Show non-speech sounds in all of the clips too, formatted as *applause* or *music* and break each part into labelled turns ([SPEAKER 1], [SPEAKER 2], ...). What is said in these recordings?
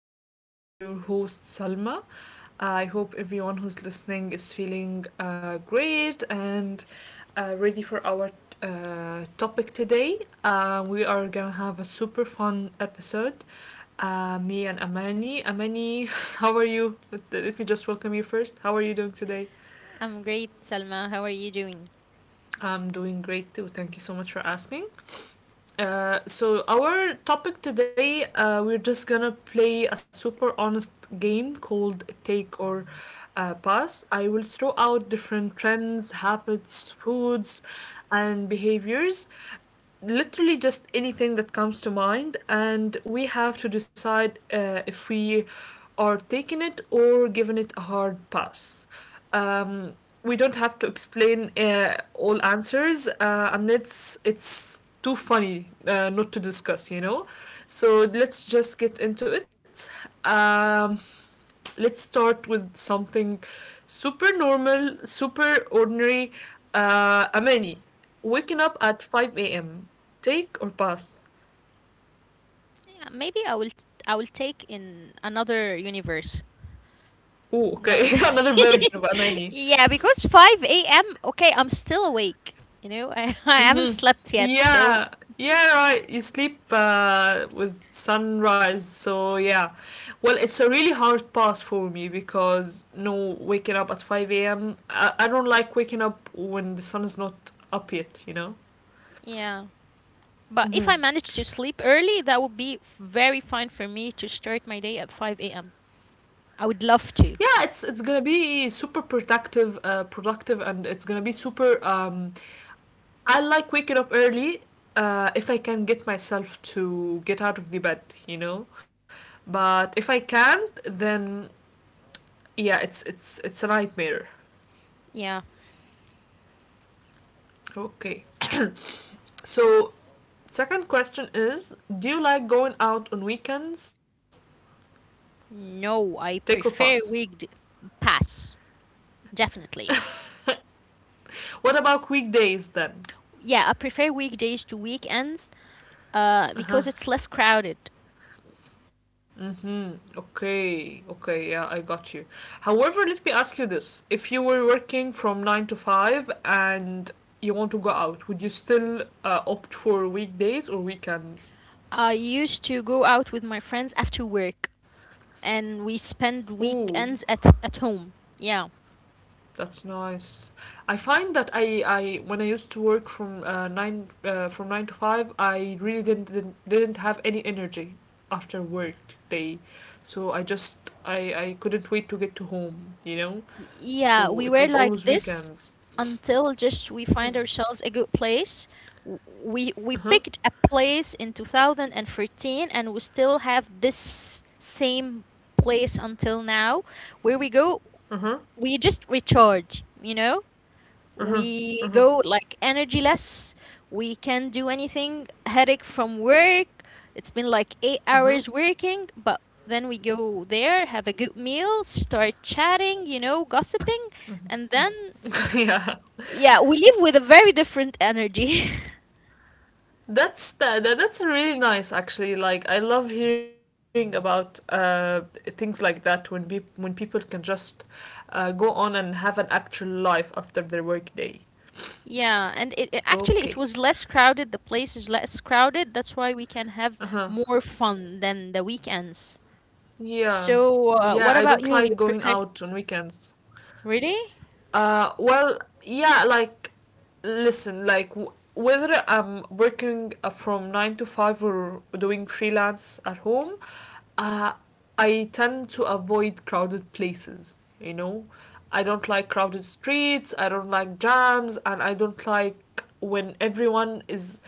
[SPEAKER 1] everyone. This is your host Salma. I hope everyone who's listening is feeling great and ready for our topic today. We are gonna have a super fun episode. Me and Amani. Amani, *laughs* how are you? Let me just welcome you first. How are you doing today?
[SPEAKER 2] I'm great, Salma. How are you doing?
[SPEAKER 1] I'm doing great too. Thank you so much for asking. So our topic today, we're just gonna play a super honest game called Take or Pass. I will throw out different trends, habits, foods, and behaviors, literally just anything that comes to mind, and we have to decide if we are taking it or giving it a hard pass. Um, we don't have to explain all answers unless it's too funny not to discuss, you know? So let's just get into it. Um, let's start with something super normal, super ordinary. Amani, waking up at 5 a.m. Take or pass?
[SPEAKER 2] Yeah, maybe I will take in another universe.
[SPEAKER 1] Oh, okay. *laughs*
[SPEAKER 2] No.
[SPEAKER 1] Another version of Amani.
[SPEAKER 2] *laughs* Yeah, because 5 a.m. Okay, I'm still awake. You know, I, *laughs* I haven't slept yet, so
[SPEAKER 1] Yeah, yeah, right. You sleep with sunrise, so yeah. Well, it's a really hard pass for me because no waking up at 5 a.m. I don't like waking up when the sun is not up yet, you know?
[SPEAKER 2] yeah. But if I manage to sleep early, that would be very fine for me to start my day at 5 a.m. I would love
[SPEAKER 1] Yeah,
[SPEAKER 2] to.
[SPEAKER 1] it's gonna be super productive, productive, and it's gonna be super I like waking up early, uh, if I can get myself to get out of the bed, you know, but if I can't, then yeah, it's a nightmare.
[SPEAKER 2] Yeah.
[SPEAKER 1] Okay, so second question is, do you like going out on weekends?
[SPEAKER 2] No,
[SPEAKER 1] Take or
[SPEAKER 2] I
[SPEAKER 1] pass?
[SPEAKER 2] prefer weekd pass. Definitely.
[SPEAKER 1] What about weekdays then?
[SPEAKER 2] Yeah, I prefer weekdays to weekends because it's less crowded.
[SPEAKER 1] Hmm. Okay, okay, yeah, I got you. However, let me ask you this. If you were working from 9 to 5 and you want to go out, would you still opt for weekdays or weekends?
[SPEAKER 2] I used to go out with my friends after work, and we spend
[SPEAKER 1] Ooh,
[SPEAKER 2] weekends at home. Yeah,
[SPEAKER 1] that's nice. I find that I, when I used to work from 9 to 5, I really didn't have any energy after work day. So I just I couldn't wait to get to home, you know?
[SPEAKER 2] Yeah,
[SPEAKER 1] So
[SPEAKER 2] we
[SPEAKER 1] it
[SPEAKER 2] were
[SPEAKER 1] was
[SPEAKER 2] like
[SPEAKER 1] always
[SPEAKER 2] this
[SPEAKER 1] weekends.
[SPEAKER 2] until just we find ourselves a good place. W- we
[SPEAKER 1] Uh-huh.
[SPEAKER 2] picked a place in 2013, and we still have this same place until now, where we go.
[SPEAKER 1] Mm-hmm.
[SPEAKER 2] We just recharge.
[SPEAKER 1] Mm-hmm.
[SPEAKER 2] We
[SPEAKER 1] Mm-hmm.
[SPEAKER 2] go like energyless. We can't do anything. Headache from work. It's been like eight
[SPEAKER 1] Mm-hmm.
[SPEAKER 2] hours working, but then we go there, have a good meal, start chatting, gossiping, and then
[SPEAKER 1] *laughs* Yeah,
[SPEAKER 2] yeah, we leave with a very different energy. *laughs*
[SPEAKER 1] that's that, that that's really nice, actually. Like, I love hearing about things like that, when be when people can just go on and have an actual life after their work day.
[SPEAKER 2] Yeah, and actually
[SPEAKER 1] Okay.
[SPEAKER 2] it was less crowded. The place is less crowded. That's why we can have
[SPEAKER 1] Uh-huh.
[SPEAKER 2] more fun than the weekends.
[SPEAKER 1] Yeah. Yeah,
[SPEAKER 2] So,
[SPEAKER 1] I don't
[SPEAKER 2] what
[SPEAKER 1] like
[SPEAKER 2] about
[SPEAKER 1] going
[SPEAKER 2] you? You
[SPEAKER 1] out
[SPEAKER 2] prefer
[SPEAKER 1] on weekends.
[SPEAKER 2] really?
[SPEAKER 1] Well, yeah, like, listen, like, whether I'm working from 9 to 5 or doing freelance at home, uh, I tend to avoid crowded places, you know? I don't like crowded streets, I don't like jams, and I don't like when everyone is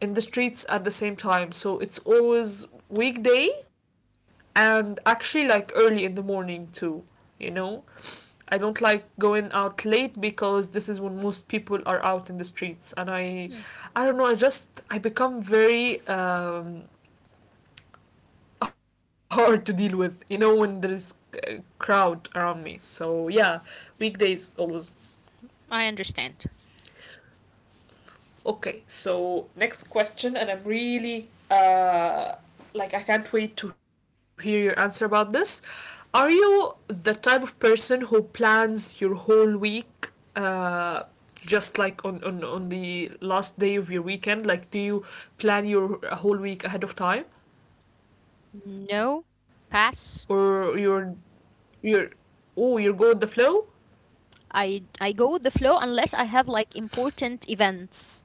[SPEAKER 1] in the streets at the same time. So it's always weekday, and actually like early in the morning too, you know. I don't like going out late because this is when most people are out in the streets, and i
[SPEAKER 2] Hmm,
[SPEAKER 1] i don't know, I just, I become very *laughs* hard to deal with, you know, when there is a crowd around me. So yeah, weekdays always.
[SPEAKER 2] I understand.
[SPEAKER 1] Okay, so next question, and I'm really, like, I can't wait to hear your answer about this. Are you the type of person who plans your whole week, uh, just like on, on the last day of your weekend? Like, do you plan your whole week ahead of time,
[SPEAKER 2] No,
[SPEAKER 1] or
[SPEAKER 2] pass.
[SPEAKER 1] you're you're oh, you go with the flow?
[SPEAKER 2] I go with the flow unless I have like important events.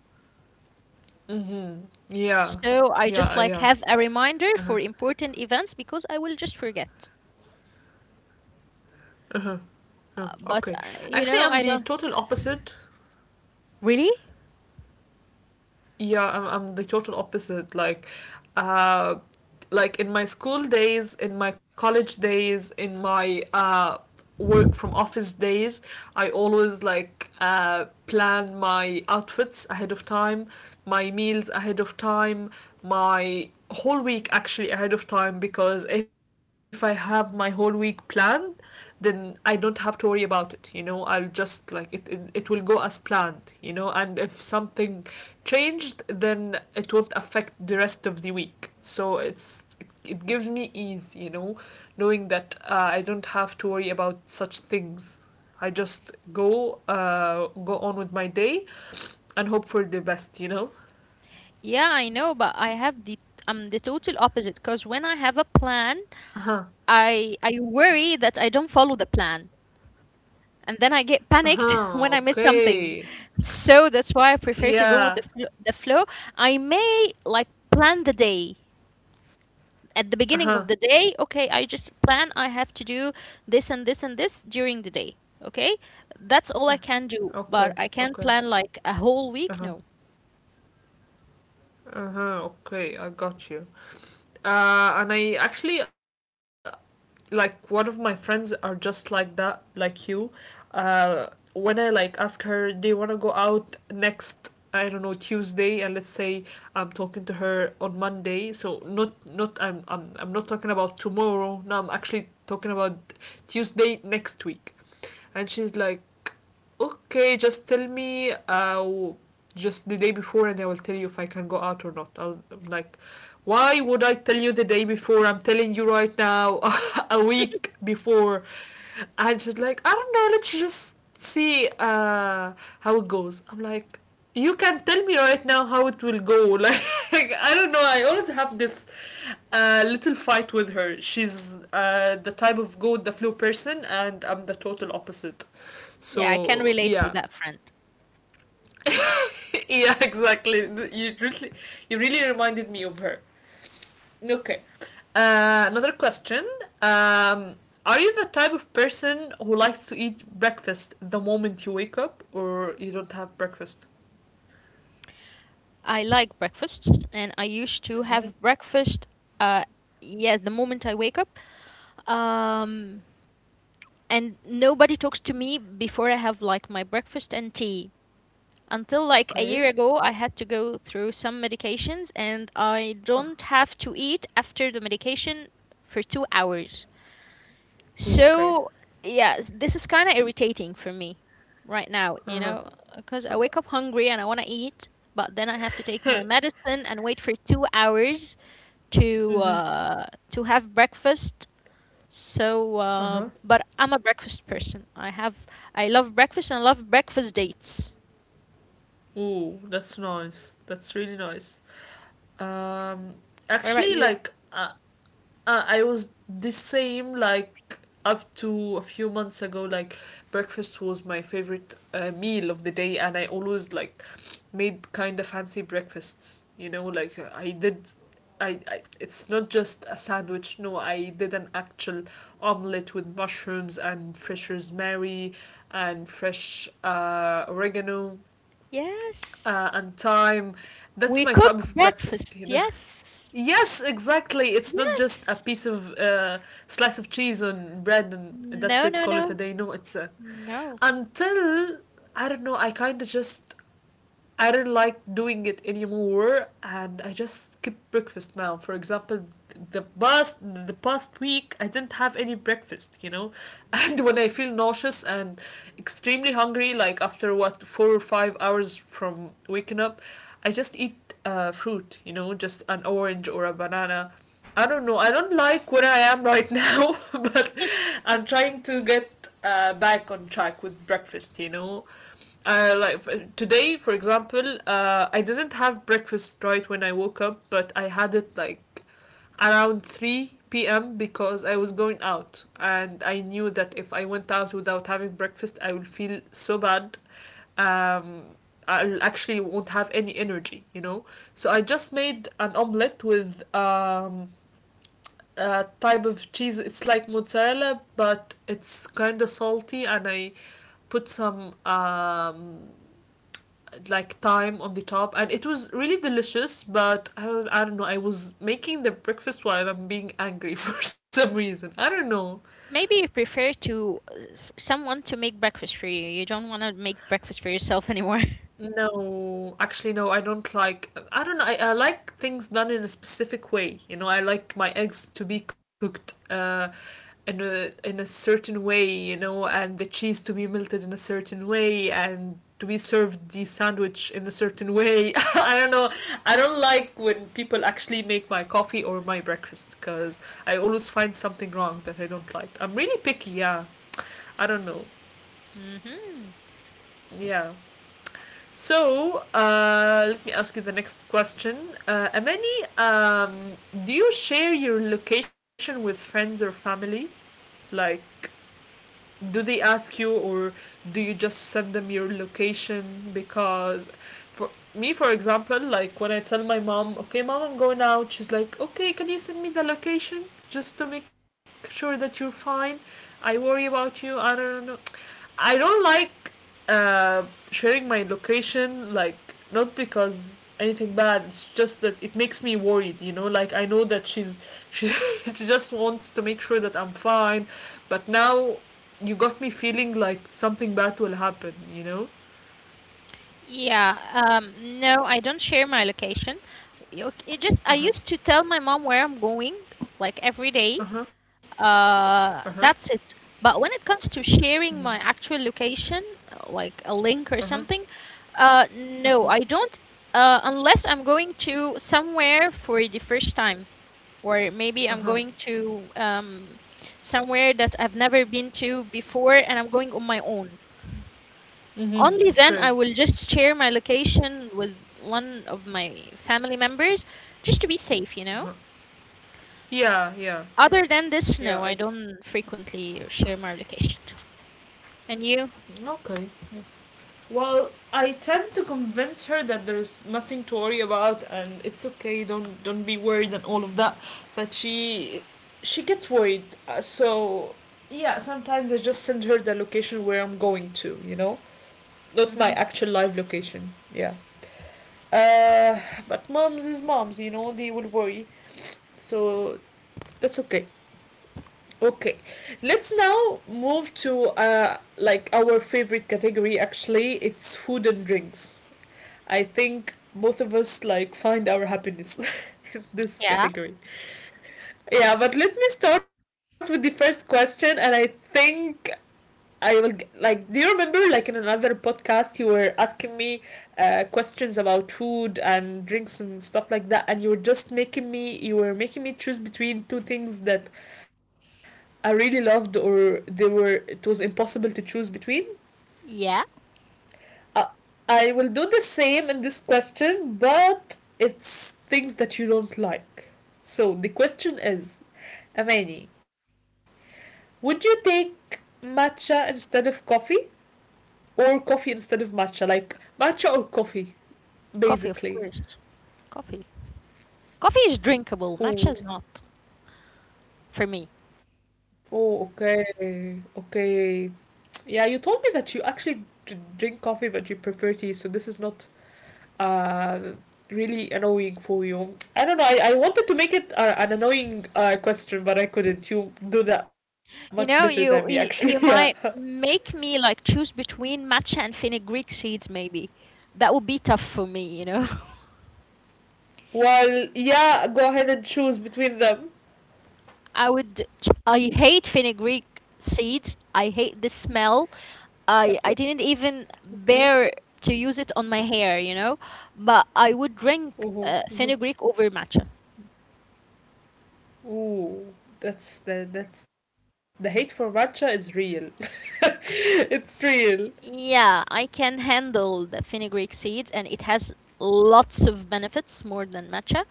[SPEAKER 1] Yeah,
[SPEAKER 2] So I just
[SPEAKER 1] yeah,
[SPEAKER 2] like
[SPEAKER 1] yeah.
[SPEAKER 2] have a reminder for important events because I will just forget.
[SPEAKER 1] Yeah.
[SPEAKER 2] Uh,
[SPEAKER 1] Okay,
[SPEAKER 2] But uh,
[SPEAKER 1] actually, I'm
[SPEAKER 2] you
[SPEAKER 1] the
[SPEAKER 2] know, I
[SPEAKER 1] total
[SPEAKER 2] don't
[SPEAKER 1] opposite.
[SPEAKER 2] really.
[SPEAKER 1] I'm the total opposite, like, uh like in my school days, in my college days, in my, work from office days, I always like, plan my outfits ahead of time, my meals ahead of time, my whole week, actually, ahead of time, because if I have my whole week planned, then I don't have to worry about it. You know, I'll just like it will go as planned, you know, and if something changed, then it won't affect the rest of the week. So it gives me ease, you know, knowing that I don't have to worry about such things. I just go, go on with my day and hope for the best, you know.
[SPEAKER 2] Yeah, I know, but I have the total opposite because when I have a plan, I worry that I don't follow the plan, and then I get
[SPEAKER 1] Uh
[SPEAKER 2] panicked *laughs*
[SPEAKER 1] huh.
[SPEAKER 2] when I miss something.
[SPEAKER 1] Okay.
[SPEAKER 2] So that's why I prefer to go with
[SPEAKER 1] Yeah.
[SPEAKER 2] the flow. I may like plan the day at the
[SPEAKER 1] Uh
[SPEAKER 2] beginning of
[SPEAKER 1] huh.
[SPEAKER 2] the day. Okay, I just plan. I have to do this and this and this during the day. Okay, that's all I can do.
[SPEAKER 1] Okay.
[SPEAKER 2] But I
[SPEAKER 1] Okay.
[SPEAKER 2] can plan like a
[SPEAKER 1] Uh
[SPEAKER 2] whole
[SPEAKER 1] huh.
[SPEAKER 2] week? No.
[SPEAKER 1] Uh huh. Okay. I got you. And I actually, like, one of my friends are just like that, like you. Uh, when I like ask her, do you want to go out next? I don't know, Tuesday, and let's say I'm talking to her on Monday. So not not I'm not talking about tomorrow. No, I'm actually talking about Tuesday next week, and she's like, okay, just tell me, just the day before, and I will tell you if I can go out or not. I'm like, why would I tell you the day before? I'm telling you right now, *laughs* a week before. And she's like, I don't know, let's just see, how it goes. I'm like, you can tell me right now how it will go. *laughs* Like, I don't know, I always have this, little fight with her. She's, the type of go with the flow person, and I'm the total opposite.
[SPEAKER 2] Yeah, I can
[SPEAKER 1] So
[SPEAKER 2] relate to
[SPEAKER 1] yeah,
[SPEAKER 2] that friend.
[SPEAKER 1] *laughs* yeah, exactly. You really, you really reminded me of her. Okay, another question. Um, are you the type of person who likes to eat breakfast the moment you wake up, or you don't have breakfast?
[SPEAKER 2] I like breakfasts, and I used to
[SPEAKER 1] Mm-hmm.
[SPEAKER 2] have breakfast, uh yeah, the moment I wake up. um and nobody talks to me before I have like my breakfast and tea. Until like a year
[SPEAKER 1] Okay.
[SPEAKER 2] ago, I had to go through some medications and I don't have to eat after the medication for 2 hours.
[SPEAKER 1] Oh, okay.
[SPEAKER 2] So, yeah, this is kind of irritating for me right now, you
[SPEAKER 1] Uh huh.
[SPEAKER 2] know, because I wake up hungry and I want to eat, but then I have to take my medicine and wait for 2 hours
[SPEAKER 1] Mhm.
[SPEAKER 2] to have breakfast. So,
[SPEAKER 1] Uh huh.
[SPEAKER 2] but I'm a breakfast person. I love breakfast and I love breakfast dates.
[SPEAKER 1] Oh, that's nice. That's really nice. Um,
[SPEAKER 2] What about
[SPEAKER 1] actually,
[SPEAKER 2] you?
[SPEAKER 1] like, uh, I was the same, like, up to a few months ago. Like, breakfast was my favorite meal of the day, and I always, like, made kind of fancy breakfasts. You know, like, I did. I it's not just a sandwich. No, I did an actual omelette with mushrooms and fresh rosemary, and fresh oregano,
[SPEAKER 2] Yes.
[SPEAKER 1] and thyme. That's
[SPEAKER 2] We
[SPEAKER 1] my type
[SPEAKER 2] cook
[SPEAKER 1] of
[SPEAKER 2] breakfast.
[SPEAKER 1] breakfast. You know.
[SPEAKER 2] Yes.
[SPEAKER 1] Yes, exactly. It's not just a
[SPEAKER 2] Yes.
[SPEAKER 1] piece of, slice of cheese on bread, and that's
[SPEAKER 2] No,
[SPEAKER 1] it.
[SPEAKER 2] no,
[SPEAKER 1] Call it a
[SPEAKER 2] no.
[SPEAKER 1] day. No, it's a,
[SPEAKER 2] No.
[SPEAKER 1] until, I don't know. I kind of just, I do not like doing it anymore, and I just skip breakfast now. For example, the past week I didn't have any breakfast, you know, *laughs* and when I feel nauseous and extremely hungry, like after what 4 or 5 hours from waking up, I just eat, fruit, you know, just an orange or a banana. I don't know. I don't like where I am right now, *laughs* but I'm trying to get, back on track with breakfast, you know. Like today, for example, I didn't have breakfast right when I woke up, but I had it like around 3 p.m. because I was going out and I knew that if I went out without having breakfast, I would feel so bad. Um, I actually won't have any energy, you know. So I just made an omelette with type of cheese. It's like mozzarella, but it's kind of salty, and I put some like thyme on the top, and it was really delicious. I don't know. I was making the breakfast while I'm being angry *laughs* for some reason. I don't know.
[SPEAKER 2] Maybe you prefer to someone to make breakfast for you. You don't want to make breakfast for yourself anymore. *laughs*
[SPEAKER 1] No, actually, I don't like. I don't know. I like things done in a specific way. You know, I like my eggs to be cooked, in a certain way. You know, and the cheese to be melted in a certain way, and to be served the sandwich in a certain way. *laughs* I don't know. I don't like when people actually make my coffee or my breakfast because I always find something wrong that I don't like. I'm really picky. Yeah, I don't know.
[SPEAKER 2] Mm-hmm.
[SPEAKER 1] Yeah. So, let me ask you the next question. Amani, do you share your location with friends or family? Like, do they ask you, or do you just send them your location? Because for me, for example, like when I tell my mom, okay, mom, I'm going out, she's like, okay, can you send me the location just to make sure that you're fine? I worry about you. I don't know. I don't like, uh, sharing my location, like, not because anything bad, it's just that it makes me worried, you know? Like, I know that she, *laughs* she just wants to make sure that I'm fine, but now you got me feeling like something bad will happen, you know?
[SPEAKER 2] Yeah. No, I don't share my location. It just
[SPEAKER 1] Uh
[SPEAKER 2] I
[SPEAKER 1] huh,
[SPEAKER 2] used to tell my mom where I'm going like every day,
[SPEAKER 1] uh huh, uh huh,
[SPEAKER 2] that's it, but when it comes to sharing my actual location, like a link or
[SPEAKER 1] uh huh,
[SPEAKER 2] something,
[SPEAKER 1] uh
[SPEAKER 2] no,
[SPEAKER 1] huh,
[SPEAKER 2] I don't. Unless I'm going to somewhere for the first time, or maybe
[SPEAKER 1] uh
[SPEAKER 2] I'm
[SPEAKER 1] huh.
[SPEAKER 2] going to somewhere that I've never been to before and I'm going on my own,
[SPEAKER 1] Mm-hmm.
[SPEAKER 2] only then
[SPEAKER 1] Okay.
[SPEAKER 2] I will just share my location with one of my family members, just to be safe.
[SPEAKER 1] Yeah, yeah, yeah,
[SPEAKER 2] Other than this,
[SPEAKER 1] yeah,
[SPEAKER 2] no, I
[SPEAKER 1] I.
[SPEAKER 2] don't frequently share my location. And you?
[SPEAKER 1] Okay. Well, I tend to convince her that there's nothing to worry about and it's okay, don't be worried and all of that. But she gets worried. So yeah, sometimes I just send her the location where I'm going to, you know? Not my
[SPEAKER 2] Hmm.
[SPEAKER 1] actual live location. Yeah. Uh but moms is moms, they will worry. So that's okay. Okay. Let's now move to like our favorite category, actually. It's food and drinks. I think both of us like find our happiness *laughs* in this
[SPEAKER 2] Yeah.
[SPEAKER 1] category. Yeah, but let me start with the first question, and I think I will g- like. Do you remember, like in another podcast, you were asking me questions about food and drinks and stuff like that, and you were just making me choose between two things that I really loved, or they were it was impossible to choose between.
[SPEAKER 2] Yeah.
[SPEAKER 1] Uh, I will do the same in this question, but it's things that you don't like. So the question is, Amani, would you take matcha instead of coffee or coffee instead of matcha? Like matcha or coffee,
[SPEAKER 2] Coffee, of course.
[SPEAKER 1] basically.
[SPEAKER 2] Coffee. Coffee is drinkable. Matcha is not
[SPEAKER 1] Oh,
[SPEAKER 2] for me.
[SPEAKER 1] oh, okay, okay. Yeah, you told me that you actually drink coffee, but you prefer tea. So this is not uh really annoying for you. I don't know, I wanted to make it an annoying question, but I couldn't. You do that much better than
[SPEAKER 2] You
[SPEAKER 1] me,
[SPEAKER 2] know,
[SPEAKER 1] actually. *laughs*
[SPEAKER 2] you,
[SPEAKER 1] Yeah,
[SPEAKER 2] you you might make me like choose between matcha and fenugreek seeds. Maybe that would be tough for me. You know, *laughs*
[SPEAKER 1] well, yeah, go ahead and choose between them.
[SPEAKER 2] I would. I hate fenugreek seeds. I hate the smell. I
[SPEAKER 1] Okay,
[SPEAKER 2] I didn't even
[SPEAKER 1] okay.
[SPEAKER 2] bear to use it on my hair. You know, but I would drink
[SPEAKER 1] Ooh,
[SPEAKER 2] fenugreek
[SPEAKER 1] ooh,
[SPEAKER 2] over matcha.
[SPEAKER 1] ooh. That's the hate for matcha is real. *laughs* It's real.
[SPEAKER 2] Yeah, I can handle the fenugreek seeds and it has lots of benefits more than matcha.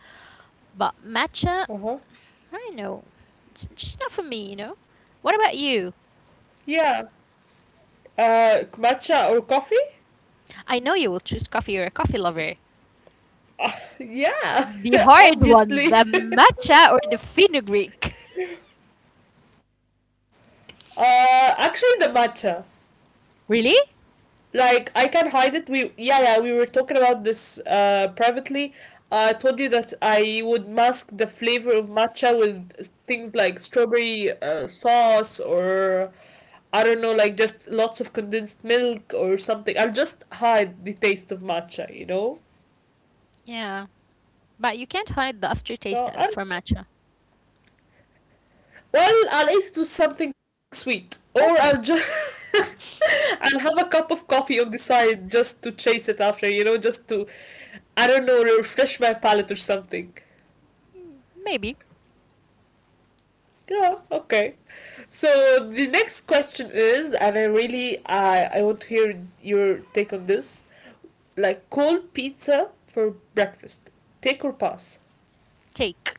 [SPEAKER 2] But matcha,
[SPEAKER 1] Uh-huh.
[SPEAKER 2] I don't know, it's just not for me, you know? What about you?
[SPEAKER 1] Yeah. Matcha or coffee.
[SPEAKER 2] I know you will choose coffee. You're a coffee lover.
[SPEAKER 1] Yeah.
[SPEAKER 2] The
[SPEAKER 1] *laughs*
[SPEAKER 2] hard one, the
[SPEAKER 1] Obviously.
[SPEAKER 2] matcha or the fenugreek. *laughs*
[SPEAKER 1] *laughs* Actually, the matcha.
[SPEAKER 2] Really?
[SPEAKER 1] Like, I can hide it. We Yeah, yeah, we were talking about this privately. I told you that I would mask the flavor of matcha with things like strawberry sauce, or I don't know, like just lots of condensed milk or something. I'll just hide the taste of matcha, you know.
[SPEAKER 2] Yeah, but you can't hide the aftertaste
[SPEAKER 1] So I
[SPEAKER 2] for matcha.
[SPEAKER 1] Well, I'll either do something sweet, or I'll just
[SPEAKER 2] Okay.
[SPEAKER 1] *laughs* I'll have a cup of coffee on the side just to chase it after, just to, I don't know, refresh my palate or something.
[SPEAKER 2] Mm, maybe.
[SPEAKER 1] Yeah, okay. So the next question is, and I really I want to hear your take on this. Like, cold pizza for breakfast, take or pass?
[SPEAKER 2] Take.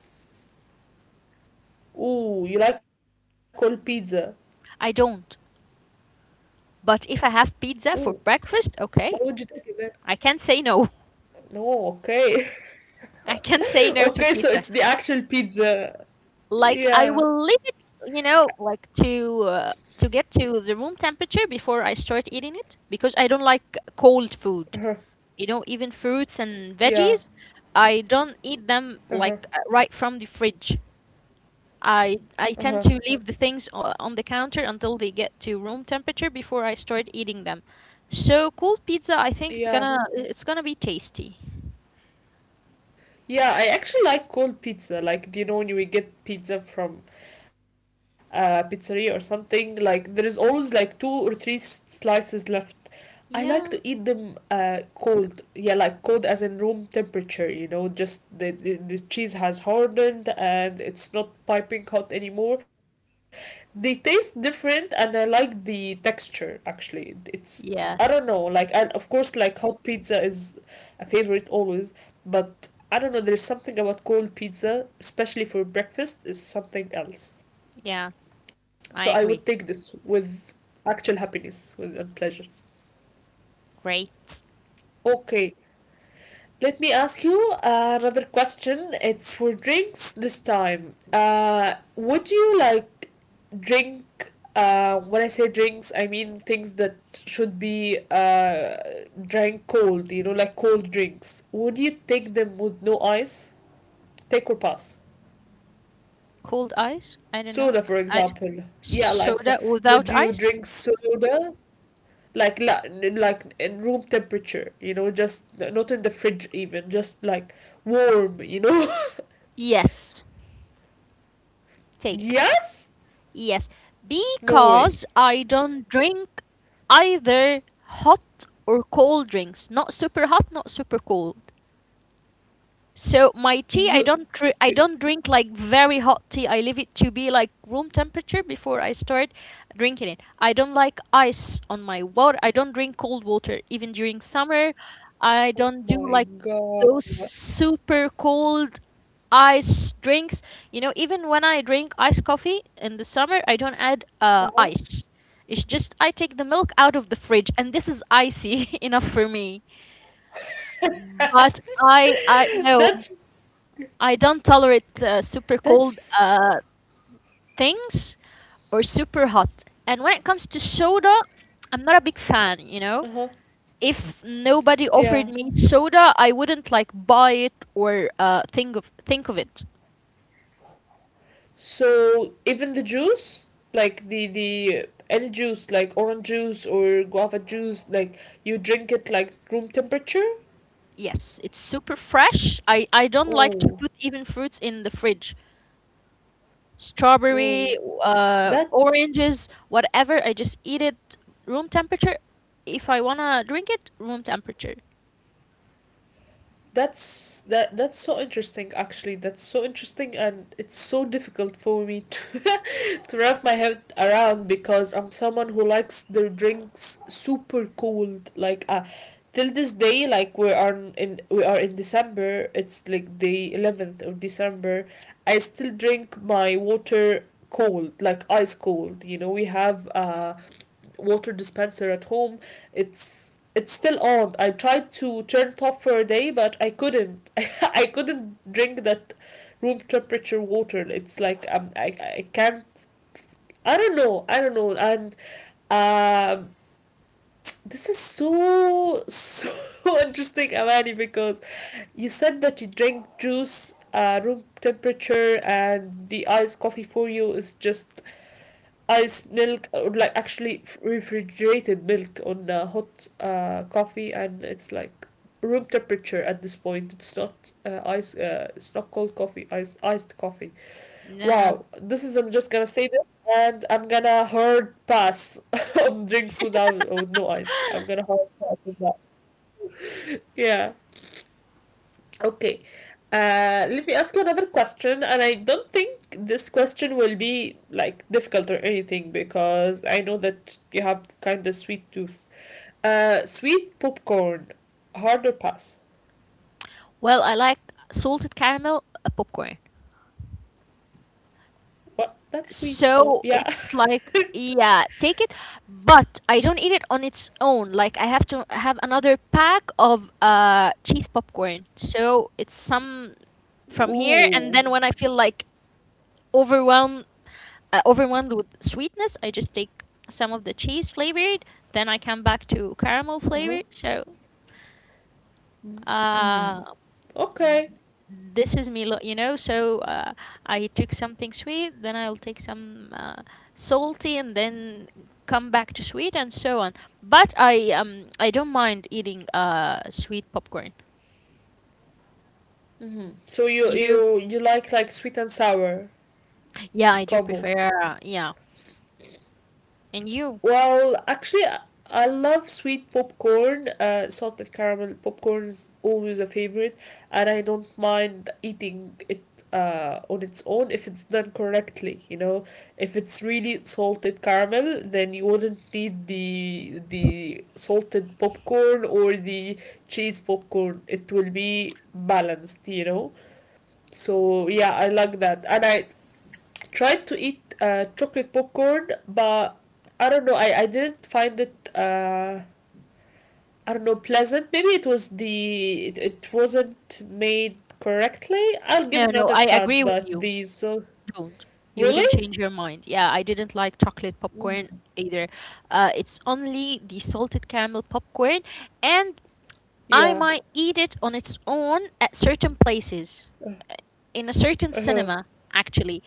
[SPEAKER 1] Ooh, you like cold pizza?
[SPEAKER 2] I don't. But if I
[SPEAKER 1] Ooh,
[SPEAKER 2] have pizza for
[SPEAKER 1] why
[SPEAKER 2] breakfast,
[SPEAKER 1] would you take it,
[SPEAKER 2] okay.
[SPEAKER 1] then?
[SPEAKER 2] I can't say no.
[SPEAKER 1] No, okay. *laughs* *laughs*
[SPEAKER 2] *laughs* I can't say
[SPEAKER 1] Okay,
[SPEAKER 2] no
[SPEAKER 1] so
[SPEAKER 2] to
[SPEAKER 1] it's the
[SPEAKER 2] pizza.
[SPEAKER 1] actual pizza.
[SPEAKER 2] Like
[SPEAKER 1] Yeah.
[SPEAKER 2] I will leave it, you know, like to get to the room temperature before I start eating it because I don't like cold food.
[SPEAKER 1] Uh-huh.
[SPEAKER 2] You know, even fruits and
[SPEAKER 1] Yeah.
[SPEAKER 2] veggies, I don't eat them
[SPEAKER 1] Uh-huh.
[SPEAKER 2] like right from the fridge. I
[SPEAKER 1] Uh-huh.
[SPEAKER 2] tend to leave the things on the counter until they get to room temperature before I start eating them. So cold pizza, I think it's
[SPEAKER 1] Yeah.
[SPEAKER 2] gonna it's gonna be tasty.
[SPEAKER 1] Yeah, I actually like cold pizza. Like, do you know, when you will get pizza from pizzeria or something, like there is always like two or three slices left. I like to
[SPEAKER 2] Yeah.
[SPEAKER 1] eat them cold. Yeah, like cold as in room temperature, just the cheese has hardened and it's not piping hot anymore. They taste different, and I like the texture, actually. It's I don't
[SPEAKER 2] Yeah.
[SPEAKER 1] know, like, and of course, like hot pizza is a favorite always, but I don't know, there is something about cold pizza, especially for breakfast, is something else.
[SPEAKER 2] Yeah, I
[SPEAKER 1] So I
[SPEAKER 2] agree.
[SPEAKER 1] would take this with actual happiness with, and pleasure.
[SPEAKER 2] Great.
[SPEAKER 1] Okay, let me ask you another question. It's for drinks this time. Would you like drink? When I say drinks, I mean things that should be drank cold, like cold drinks. Would you take them with no ice? Take or pass?
[SPEAKER 2] Cold ice? I don't know.
[SPEAKER 1] Soda, for
[SPEAKER 2] I.
[SPEAKER 1] example. Yeah, like,
[SPEAKER 2] Soda without
[SPEAKER 1] would you
[SPEAKER 2] ice?
[SPEAKER 1] drink soda? Like, like in room temperature, just not in the fridge, even just like warm, you know.
[SPEAKER 2] Yes,
[SPEAKER 1] *laughs*
[SPEAKER 2] take.
[SPEAKER 1] Yes.
[SPEAKER 2] Yes,
[SPEAKER 1] No way.
[SPEAKER 2] because I don't drink either hot or cold drinks. Not super hot, not super cold. So my tea, I
[SPEAKER 1] You
[SPEAKER 2] don't dr- I don't drink like very hot tea. I leave it to be like room temperature before I start drinking it. I don't like ice on my water. I don't drink cold water even during summer. I
[SPEAKER 1] Oh
[SPEAKER 2] don't do
[SPEAKER 1] my
[SPEAKER 2] like
[SPEAKER 1] god.
[SPEAKER 2] those super cold ice drinks. You know, even when I drink iced coffee in the summer, I don't add
[SPEAKER 1] Uh-huh.
[SPEAKER 2] ice. It's just I take the milk out of the fridge, and this is icy *laughs* enough for me. But I no,
[SPEAKER 1] that's
[SPEAKER 2] I don't tolerate super cold
[SPEAKER 1] that's
[SPEAKER 2] things or super hot. And when it comes to soda, I'm not a big fan. You know,
[SPEAKER 1] Uh-huh.
[SPEAKER 2] if nobody offered
[SPEAKER 1] Yeah.
[SPEAKER 2] me soda, I wouldn't like buy it or think of it.
[SPEAKER 1] So, even the juice, like the any juice, like orange juice or guava juice, like you drink it like room temperature?
[SPEAKER 2] Yes, it's super fresh. I don't like to
[SPEAKER 1] Oh.
[SPEAKER 2] put even fruits in the fridge. Strawberry,
[SPEAKER 1] Oh. that's
[SPEAKER 2] oranges, whatever. I just eat it room temperature. If I wanna drink it, room temperature.
[SPEAKER 1] that's so interesting, actually. That's so interesting, and it's so difficult for me to, *laughs* to wrap my head around, because I'm someone who likes their drinks super cold. Like, till this day, like we are in December, it's like the 11th of December. I still drink my water cold, like ice cold. You know, we have water dispenser at home. It's still on. I tried to turn it off for a day, but I couldn't. *laughs* I couldn't drink that room temperature water. It's like, I can't. I don't know. I don't know. And um, this is so *laughs* interesting, Amani, because you said that you drink juice room temperature, and the iced coffee for you is just ice milk, or like actually refrigerated milk on hot coffee, and it's like room temperature at this point. It's not ice. It's not cold coffee. Iced coffee.
[SPEAKER 2] No, no.
[SPEAKER 1] Wow, this is. I'm just gonna say this, and I'm gonna hard pass *laughs* on drinks with no ice. I'm gonna hard pass with that. Yeah. Okay. Let me ask you another question, and I don't think this question will be like difficult or anything, because I know that you have kind of sweet tooth. Sweet popcorn, hard or pass?
[SPEAKER 2] Well, I like salted caramel popcorn.
[SPEAKER 1] What? That's sweet, so
[SPEAKER 2] So
[SPEAKER 1] yeah.
[SPEAKER 2] it's like, yeah, take it, but I don't eat it on its own. Like I have to have another pack of cheese popcorn. So it's some
[SPEAKER 1] *laughs*
[SPEAKER 2] from here, and
[SPEAKER 1] Ooh.
[SPEAKER 2] then when I feel like overwhelmed overwhelmed with sweetness, I just take some of the cheese flavored. Then I come back to caramel
[SPEAKER 1] Uh-huh.
[SPEAKER 2] flavored. So
[SPEAKER 1] Mm-hmm.
[SPEAKER 2] uh, th-
[SPEAKER 1] Okay.
[SPEAKER 2] this is me, you know. So I took something sweet, then I'll take some salty, and then come back to sweet, and so on. But I don't mind eating sweet popcorn.
[SPEAKER 1] Mm-hmm. So you
[SPEAKER 2] You?
[SPEAKER 1] you you like sweet and sour
[SPEAKER 2] Yeah, I do
[SPEAKER 1] combo.
[SPEAKER 2] prefer. Yeah, and you?
[SPEAKER 1] Well, actually, I love sweet popcorn. Salted caramel popcorn is always a favorite, and I don't mind eating it on its own if it's done correctly. You know, if it's really salted caramel, then you wouldn't need the salted popcorn or the cheese popcorn. It will be balanced. You know, so yeah, I like that, and I tried to eat chocolate popcorn, but I don't know. I didn't find it. I don't know, pleasant. Maybe it was it wasn't made correctly. I'll give
[SPEAKER 2] No,
[SPEAKER 1] it
[SPEAKER 2] no,
[SPEAKER 1] another
[SPEAKER 2] I
[SPEAKER 1] chance.
[SPEAKER 2] agree with
[SPEAKER 1] But
[SPEAKER 2] you.
[SPEAKER 1] these
[SPEAKER 2] Don't. You
[SPEAKER 1] really.
[SPEAKER 2] wouldn't change your mind. Yeah, I didn't like chocolate popcorn
[SPEAKER 1] Mhm.
[SPEAKER 2] either. It's only the salted caramel popcorn, and I
[SPEAKER 1] Yeah.
[SPEAKER 2] might eat it on its own at certain places, uh, in a certain
[SPEAKER 1] Uh huh.
[SPEAKER 2] cinema, actually.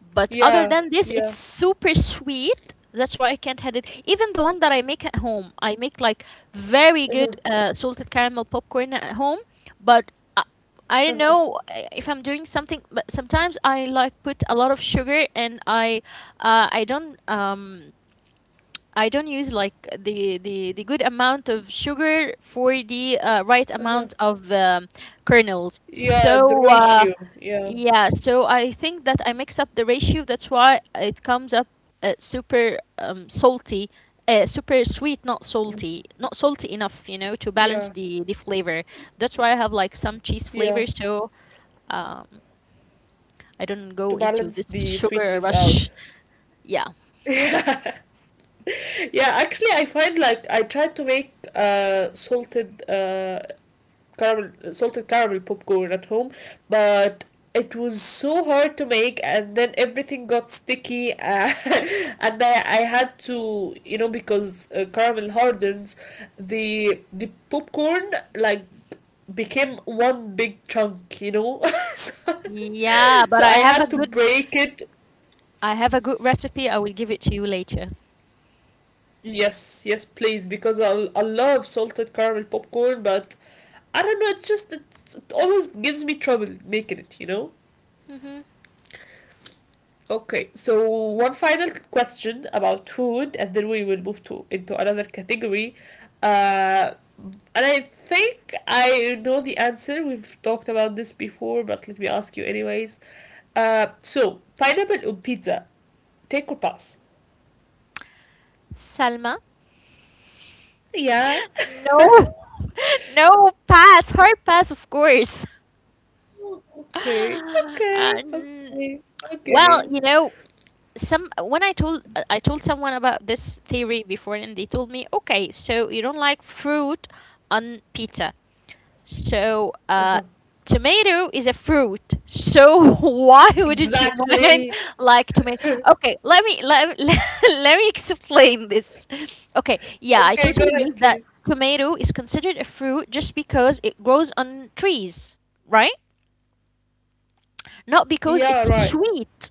[SPEAKER 2] But other
[SPEAKER 1] Yeah,
[SPEAKER 2] than this, it's
[SPEAKER 1] yeah.
[SPEAKER 2] super sweet. That's why I can't have it. Even the one that I make at home, I make like very good salted caramel popcorn at home. But I don't know if I'm doing something. But sometimes I like put a lot of sugar, and I don't use like the good amount of sugar for the right
[SPEAKER 1] Uh huh.
[SPEAKER 2] amount of kernels.
[SPEAKER 1] Yeah. The
[SPEAKER 2] So
[SPEAKER 1] ratio, yeah,
[SPEAKER 2] yeah, so I think that I mix up the ratio. That's why it comes up super salty, super sweet, not salty, not salty enough, you know, to balance
[SPEAKER 1] yeah,
[SPEAKER 2] the flavor. That's why I have like some cheese
[SPEAKER 1] yeah.
[SPEAKER 2] flavor. So um, I don't
[SPEAKER 1] To
[SPEAKER 2] go into
[SPEAKER 1] balance
[SPEAKER 2] this
[SPEAKER 1] the
[SPEAKER 2] sugar
[SPEAKER 1] sweetness out.
[SPEAKER 2] rush.
[SPEAKER 1] *laughs*
[SPEAKER 2] Yeah.
[SPEAKER 1] Yeah. Yeah, actually, I find like I tried to make salted caramel popcorn at home, but it was so hard to make, and then everything got sticky *laughs* and I had to, because caramel hardens the popcorn, like became one big chunk, *laughs* so,
[SPEAKER 2] Yeah, but
[SPEAKER 1] so
[SPEAKER 2] I
[SPEAKER 1] I
[SPEAKER 2] have a
[SPEAKER 1] had to
[SPEAKER 2] good
[SPEAKER 1] break it.
[SPEAKER 2] recipe. I will give it to you later.
[SPEAKER 1] Yes, yes, please, because I love salted caramel popcorn, but I don't know, it's just it always gives me trouble making it, you know.
[SPEAKER 2] Hmm.
[SPEAKER 1] Okay, so one final question about food, and then we will move to into another category. Uh, and I think I know the answer. We've talked about this before, but let me ask you anyways. So pineapple on pizza, take or pass?
[SPEAKER 2] Salma?
[SPEAKER 1] Yeah. *laughs*
[SPEAKER 2] No, *laughs* no, pass, hard pass, of course.
[SPEAKER 1] Okay,
[SPEAKER 2] *laughs*
[SPEAKER 1] okay,
[SPEAKER 2] Um,
[SPEAKER 1] okay,
[SPEAKER 2] well,
[SPEAKER 1] okay.
[SPEAKER 2] some when I told someone about this theory before, and they told me, okay, so you don't like fruit on pizza. So, tomato is a fruit. So *laughs* why wouldn't you mind
[SPEAKER 1] Exactly.
[SPEAKER 2] like tomato? Okay, let me *laughs* let me explain this. Okay, yeah, I
[SPEAKER 1] Okay, go
[SPEAKER 2] totally
[SPEAKER 1] ahead,
[SPEAKER 2] believe that
[SPEAKER 1] please.
[SPEAKER 2] tomato is considered a fruit just because it grows on trees, right? Not because
[SPEAKER 1] Yeah,
[SPEAKER 2] it's
[SPEAKER 1] right.
[SPEAKER 2] sweet.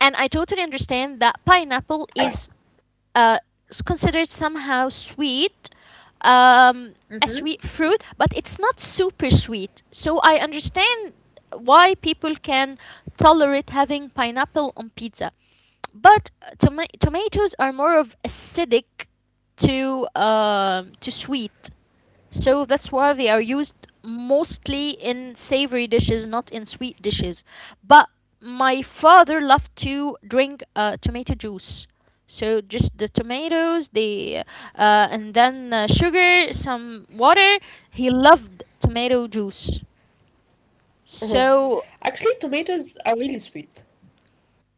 [SPEAKER 2] And I totally understand that pineapple
[SPEAKER 1] Ac-
[SPEAKER 2] is uh, considered somehow sweet, um, a sweet fruit, but it's not super sweet. So I understand why people can tolerate having pineapple on pizza. But tomatoes are more of acidic to sweet. So that's why they are used mostly in savory dishes, not in sweet dishes. But my father loved to drink tomato juice. So just the tomatoes, the and then sugar, some water. He loved tomato juice. So
[SPEAKER 1] Actually, tomatoes are really sweet.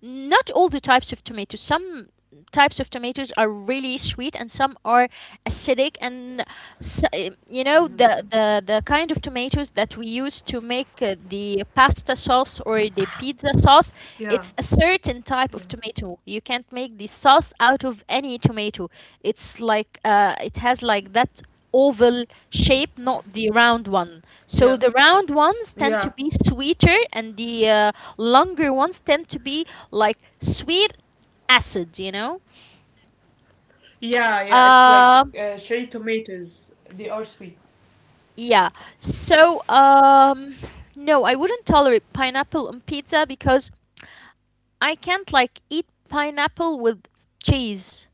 [SPEAKER 2] not all the types of tomatoes. Some types of tomatoes are really sweet and some are acidic and you know the kind of tomatoes that we use to make the pasta sauce or the pizza sauce, it's a
[SPEAKER 1] Yeah,
[SPEAKER 2] certain type of tomato. You can't make the sauce out of any tomato. It's like it has like that oval shape, not the round one. So
[SPEAKER 1] yeah,
[SPEAKER 2] the round ones tend
[SPEAKER 1] yeah,
[SPEAKER 2] to be sweeter, and the longer ones tend to be like sweet acid, you know?
[SPEAKER 1] yeah, yeah. It's like,
[SPEAKER 2] Uh,
[SPEAKER 1] cherry tomatoes. They are sweet.
[SPEAKER 2] yeah. So, um, no, I wouldn't tolerate pineapple on pizza because I can't like eat pineapple with cheese.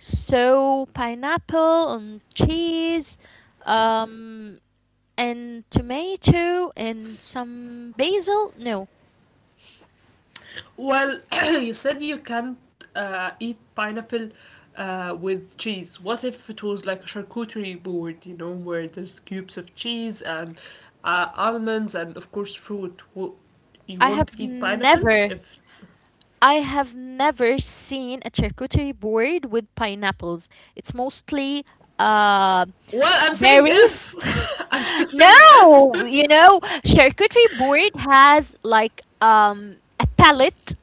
[SPEAKER 2] So, pineapple on cheese, um, and tomato and some basil. No,
[SPEAKER 1] Well, *clears throat* you said you can't eat pineapple with cheese. What if it was like a charcuterie board? You know, where there's cubes of cheese and almonds and, of course, fruit. You
[SPEAKER 2] I
[SPEAKER 1] won't
[SPEAKER 2] have
[SPEAKER 1] eat pineapple
[SPEAKER 2] never,
[SPEAKER 1] if.
[SPEAKER 2] I have never seen a charcuterie board with pineapples. It's mostly uh,
[SPEAKER 1] Well, I'm saying
[SPEAKER 2] berries.
[SPEAKER 1] if. *laughs* I'm
[SPEAKER 2] *laughs*
[SPEAKER 1] just saying if.
[SPEAKER 2] No,
[SPEAKER 1] *laughs*
[SPEAKER 2] you know, charcuterie board has like a palette,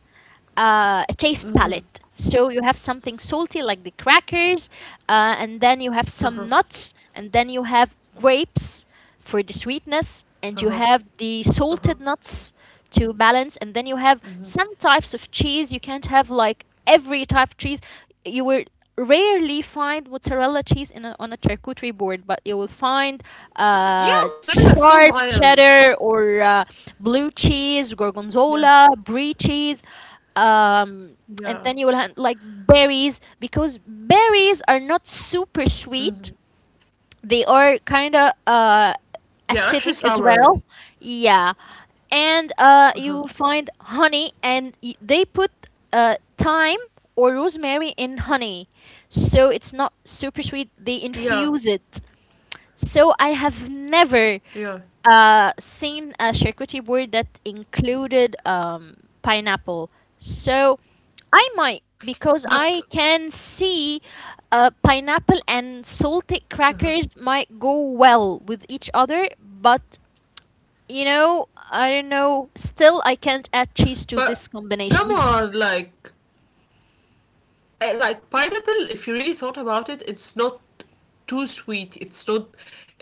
[SPEAKER 2] a taste palette. So you have something salty like the crackers, and then you have some nuts, and then you have grapes for the sweetness, and you
[SPEAKER 1] Uh huh.
[SPEAKER 2] have the
[SPEAKER 1] Uh
[SPEAKER 2] salted
[SPEAKER 1] huh.
[SPEAKER 2] nuts to balance, and then you have some types of cheese. You can't have like every type of cheese. You will rarely find mozzarella cheese in on a charcuterie board, but you will find
[SPEAKER 1] Yeah, mozzarella is so mild.
[SPEAKER 2] sharp cheddar or blue cheese,
[SPEAKER 1] Yeah,
[SPEAKER 2] gorgonzola, brie cheese,
[SPEAKER 1] yeah.
[SPEAKER 2] um and then you will have like berries because berries are not super sweet. They are kind of
[SPEAKER 1] They're actually sour.
[SPEAKER 2] acidic as well, yeah. And
[SPEAKER 1] Uh-huh.
[SPEAKER 2] you will find honey, and they put thyme or rosemary in honey, so it's not super sweet. They
[SPEAKER 1] Yeah,
[SPEAKER 2] infuse it. So I have never
[SPEAKER 1] yeah.
[SPEAKER 2] seen a charcuterie board that included pineapple. So I might, because
[SPEAKER 1] But
[SPEAKER 2] I can see pineapple and salted crackers might go well with each other, but you know, I don't know, still I can't add cheese
[SPEAKER 1] but
[SPEAKER 2] to this
[SPEAKER 1] come on,
[SPEAKER 2] combination. *laughs*
[SPEAKER 1] like, I like pineapple, if you really thought about it, it's not too sweet. It's not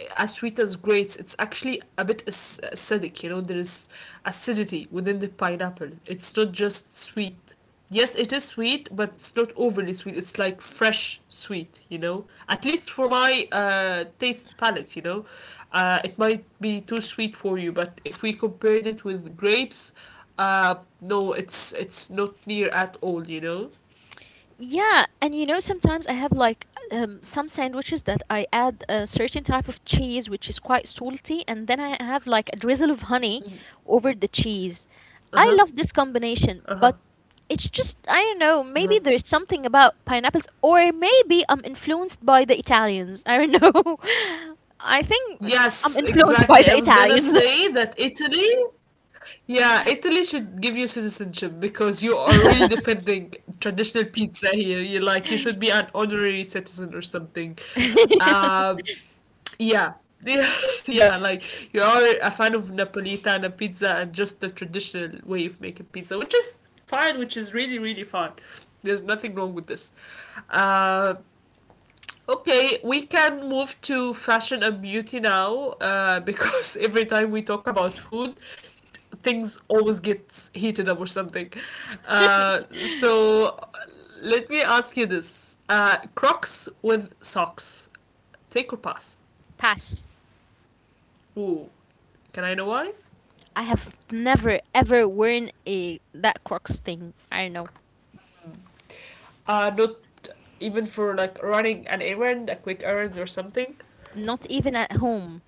[SPEAKER 1] as sweet as grapes. It's actually a bit acidic. You know, there is acidity within the pineapple. It's not just sweet. Yes, it is sweet, but it's not overly sweet. It's like fresh sweet. You know, at least for my taste palette. You know, it might be too sweet for you, but if we compared it with grapes, uh, no, it's not near at all. You know.
[SPEAKER 2] Yeah, and you know, sometimes I have like some sandwiches that I add a certain type of cheese which is quite salty, and then I have like a drizzle of honey over the cheese. I
[SPEAKER 1] Uh
[SPEAKER 2] love
[SPEAKER 1] huh.
[SPEAKER 2] this combination, but
[SPEAKER 1] Uh-huh.
[SPEAKER 2] it's just, I don't know, maybe
[SPEAKER 1] Uh-huh.
[SPEAKER 2] there's something about pineapples, or maybe I'm influenced by the Italians. *laughs* I don't know. *laughs* I think I'm
[SPEAKER 1] Yes,
[SPEAKER 2] influenced by
[SPEAKER 1] exactly.
[SPEAKER 2] the
[SPEAKER 1] I was gonna
[SPEAKER 2] Italians.
[SPEAKER 1] say that Italy, yeah, Italy should give you citizenship, because you are really defending traditional pizza here. You should be an honorary citizen or something. Uh, yeah. *laughs* Yeah, yeah, like, you are a fan of Napolitana pizza and just the traditional way of making pizza, which is fine, which is really, really fine. There's nothing wrong with this. Uh, Okay, we can move to fashion and beauty now, because *laughs* every time we talk about food, things always get heated up or something. Uh, so let me ask you this, Crocs with socks, take or pass?
[SPEAKER 2] *laughs* Pass.
[SPEAKER 1] Ooh, can I know why?
[SPEAKER 2] I have never ever worn a that Crocs thing. I don't know.
[SPEAKER 1] Not even for like running an errand, a quick errand or something.
[SPEAKER 2] Not even at home.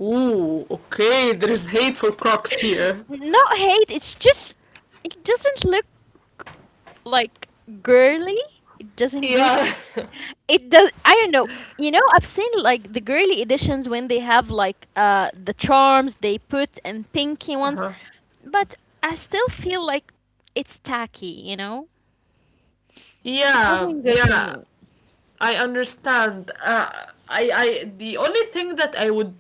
[SPEAKER 1] Ooh, okay, there is hate for Crocs here.
[SPEAKER 2] Not hate, it's just it doesn't look like girly. It doesn't good.
[SPEAKER 1] Yeah. *laughs*
[SPEAKER 2] It does, I don't know. You know, I've seen like the girly editions when they have like the charms they put and pinky ones, but I still feel like it's tacky, you know? It
[SPEAKER 1] Yeah,
[SPEAKER 2] wasn't good for
[SPEAKER 1] yeah.
[SPEAKER 2] me.
[SPEAKER 1] I understand. I I the only thing that I would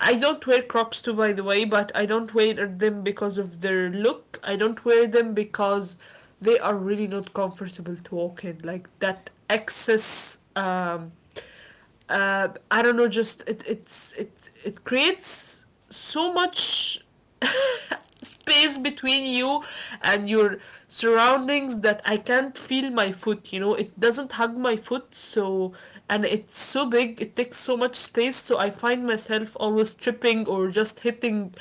[SPEAKER 1] I don't wear Crocs too, by the way, but I don't wear them because of their look. I don't wear them because they are really not comfortable to walk in. Like that excess I don't know, just it it creates so much *laughs* space between you and your surroundings that I can't feel my foot, you know. It doesn't hug my foot, so and it's so big, it takes so much space, so I find myself always tripping or just hitting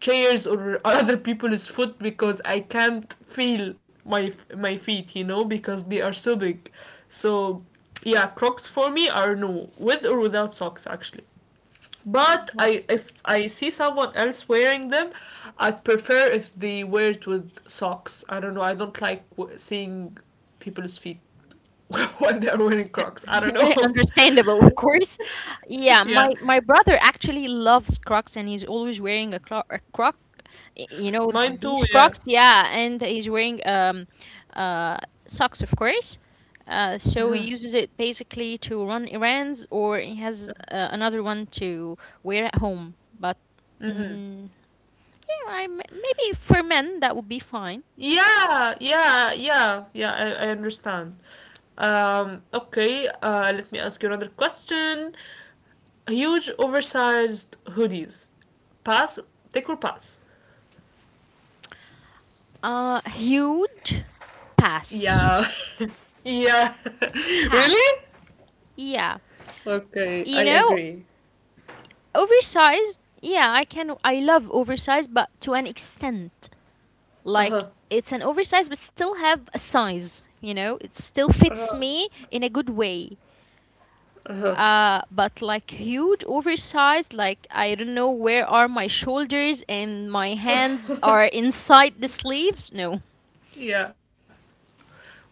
[SPEAKER 1] chairs or *laughs* other people's foot because I can't feel my feet, you know, because they are so big. So yeah, crocs for me are no, with or without socks actually. But I if I see someone else wearing them, I'd prefer if they wear it with socks. I don't know, I don't like seeing people's feet *laughs* when they're wearing crocs, I don't
[SPEAKER 2] *laughs* Eh,
[SPEAKER 1] know.
[SPEAKER 2] understandable, of course.
[SPEAKER 1] *laughs*
[SPEAKER 2] Yeah, my
[SPEAKER 1] Yeah,
[SPEAKER 2] my brother actually loves Crocs and he's always wearing a Croc. You know
[SPEAKER 1] mine too,
[SPEAKER 2] these
[SPEAKER 1] yeah.
[SPEAKER 2] Crocs, yeah, and he's wearing uh, socks, of course. So he uses it basically to run errands, or he has another one to wear at home. But mm, yeah, I maybe for men that would be fine.
[SPEAKER 1] I understand. Okay, let me ask you another question. Huge oversized hoodies, pass, take or pass?
[SPEAKER 2] Huge pass,
[SPEAKER 1] Yeah. *laughs* Yeah. *laughs*
[SPEAKER 2] pass.
[SPEAKER 1] Really?
[SPEAKER 2] Yeah,
[SPEAKER 1] Okay,
[SPEAKER 2] you
[SPEAKER 1] I
[SPEAKER 2] know.
[SPEAKER 1] agree.
[SPEAKER 2] Oversized, yeah, I can. I love oversized, but to an extent, like it's an oversized, but still have a size. You know, it still fits me in a good way. But like huge oversized, like I don't know where are my shoulders and my hands are inside the sleeves. No.
[SPEAKER 1] Yeah.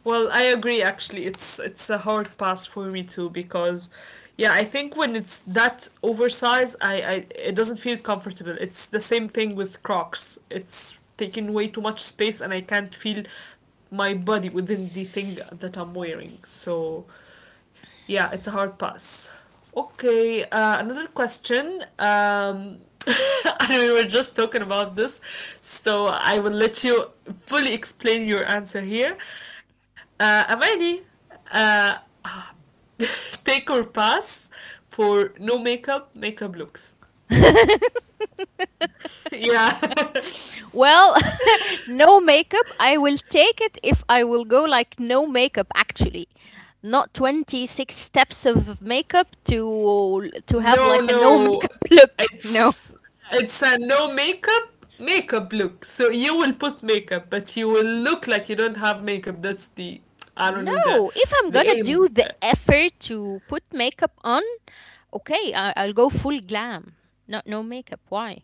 [SPEAKER 1] Well, I agree actually. It's a hard pass for me too because yeah, I think when it's that oversized, I it doesn't feel comfortable. It's the same thing with Crocs. It's taking way too much space and I can't feel my body within the thing that I'm wearing. So yeah, it's a hard pass. Okay, another question. *laughs* I mean, we were just talking about this, so I will let you fully explain your answer here. Amani, uh, *laughs* take or pass for no makeup, makeup looks. *laughs*
[SPEAKER 2] *laughs*
[SPEAKER 1] Yeah.
[SPEAKER 2] Well, *laughs* no makeup. I will take it if I will go like no makeup actually. Not 26 steps of makeup to have
[SPEAKER 1] No,
[SPEAKER 2] like a no
[SPEAKER 1] no.
[SPEAKER 2] makeup *laughs* look. No.
[SPEAKER 1] It's it's a no makeup makeup look. So you will put makeup, but you will look like you don't have makeup. That's the I don't know,
[SPEAKER 2] No, if I'm
[SPEAKER 1] the
[SPEAKER 2] gonna do
[SPEAKER 1] aim.
[SPEAKER 2] the effort to put makeup on, okay, I'll go full glam. Not no makeup. Why?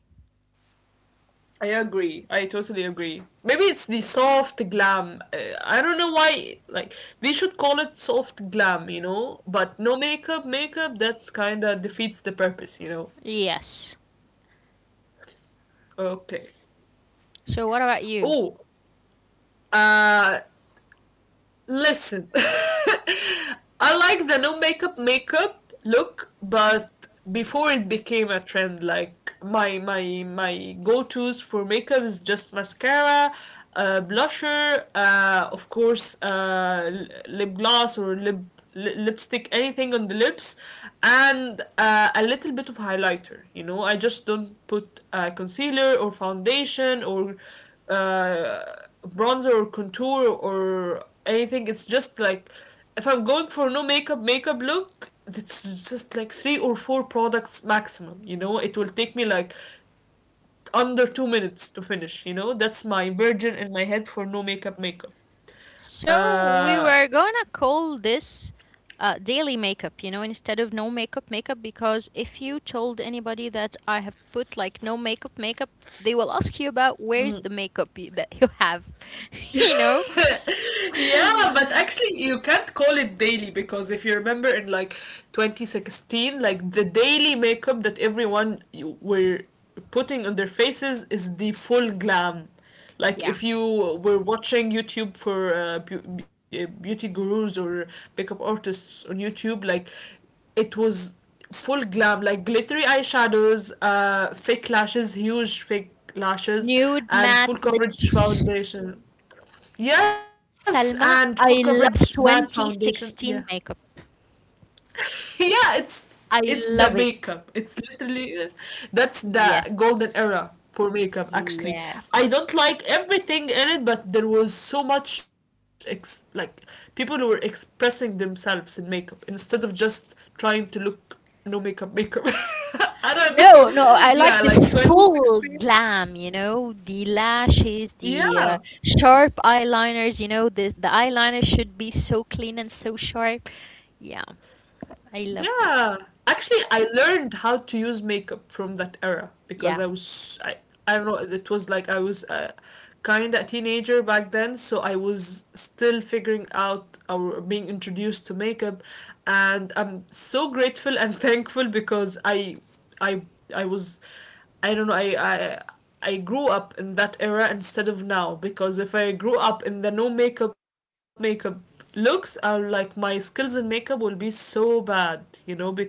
[SPEAKER 1] I agree. I totally agree. Maybe it's the soft glam. I don't know why like they should call it soft glam, you know? But no makeup, makeup, that's kind of defeats the purpose, you know.
[SPEAKER 2] Yes.
[SPEAKER 1] Okay.
[SPEAKER 2] So what about you?
[SPEAKER 1] Oh, uh listen. *laughs* I like the no makeup makeup look, but before it became a trend, like my go tos for makeup is just mascara, blusher, of course, lip gloss or lipstick, anything on the lips, and a little bit of highlighter, you know, I just don't put concealer or foundation or uh, bronzer or contour or anything. It's just like if I'm going for no makeup makeup look, it's just like three or four products maximum. You know, it will take me like under 2 minutes to finish. You know, that's my virgin in my head for no makeup makeup.
[SPEAKER 2] So we
[SPEAKER 1] Uh,
[SPEAKER 2] were gonna call this daily makeup, you know, instead of no makeup makeup, because if you told anybody that I have put like no makeup makeup, they will ask you about where's the makeup that you have, *laughs*
[SPEAKER 1] *laughs*
[SPEAKER 2] you know?
[SPEAKER 1] Yeah, but actually you can't call it daily because if you remember in like 2016, like the daily makeup that everyone were putting on their faces is the full glam. Like
[SPEAKER 2] Yeah.
[SPEAKER 1] if you were watching YouTube for beauty gurus or makeup artists on YouTube, like it was full glam, like glittery eyeshadows, fake lashes, huge fake lashes,
[SPEAKER 2] Nude
[SPEAKER 1] and full
[SPEAKER 2] matte
[SPEAKER 1] coverage
[SPEAKER 2] lips.
[SPEAKER 1] foundation. Yes,
[SPEAKER 2] Salma,
[SPEAKER 1] and Food
[SPEAKER 2] I love
[SPEAKER 1] Coverage Mad Foundation.
[SPEAKER 2] 2016
[SPEAKER 1] Yeah,
[SPEAKER 2] makeup.
[SPEAKER 1] *laughs* yeah,
[SPEAKER 2] I
[SPEAKER 1] it's
[SPEAKER 2] love
[SPEAKER 1] the
[SPEAKER 2] it.
[SPEAKER 1] makeup. It's literally that's the
[SPEAKER 2] Yes.
[SPEAKER 1] golden era for makeup. Actually,
[SPEAKER 2] Yes.
[SPEAKER 1] I don't like everything in it, but there was so much like people who were expressing themselves in makeup instead of just trying to look no makeup makeup. *laughs* I don't
[SPEAKER 2] No,
[SPEAKER 1] know.
[SPEAKER 2] no, I
[SPEAKER 1] Yeah,
[SPEAKER 2] like the
[SPEAKER 1] like
[SPEAKER 2] full
[SPEAKER 1] 2016.
[SPEAKER 2] glam, you know, the lashes, the
[SPEAKER 1] Yeah.
[SPEAKER 2] sharp eyeliners, you know, the eyeliner should be so clean and so sharp. Yeah, I love
[SPEAKER 1] Yeah.
[SPEAKER 2] this.
[SPEAKER 1] Actually, I learned how to use makeup from that era because I
[SPEAKER 2] Yeah.
[SPEAKER 1] was I I don't know, it was like I was kind of a teenager back then, so I was still figuring out or being introduced to makeup, and I'm so grateful and *laughs* thankful because I I was I don't know. I grew up in that era instead of now because if I grew up in the no makeup makeup looks, I like my skills in makeup will be so bad, you know, because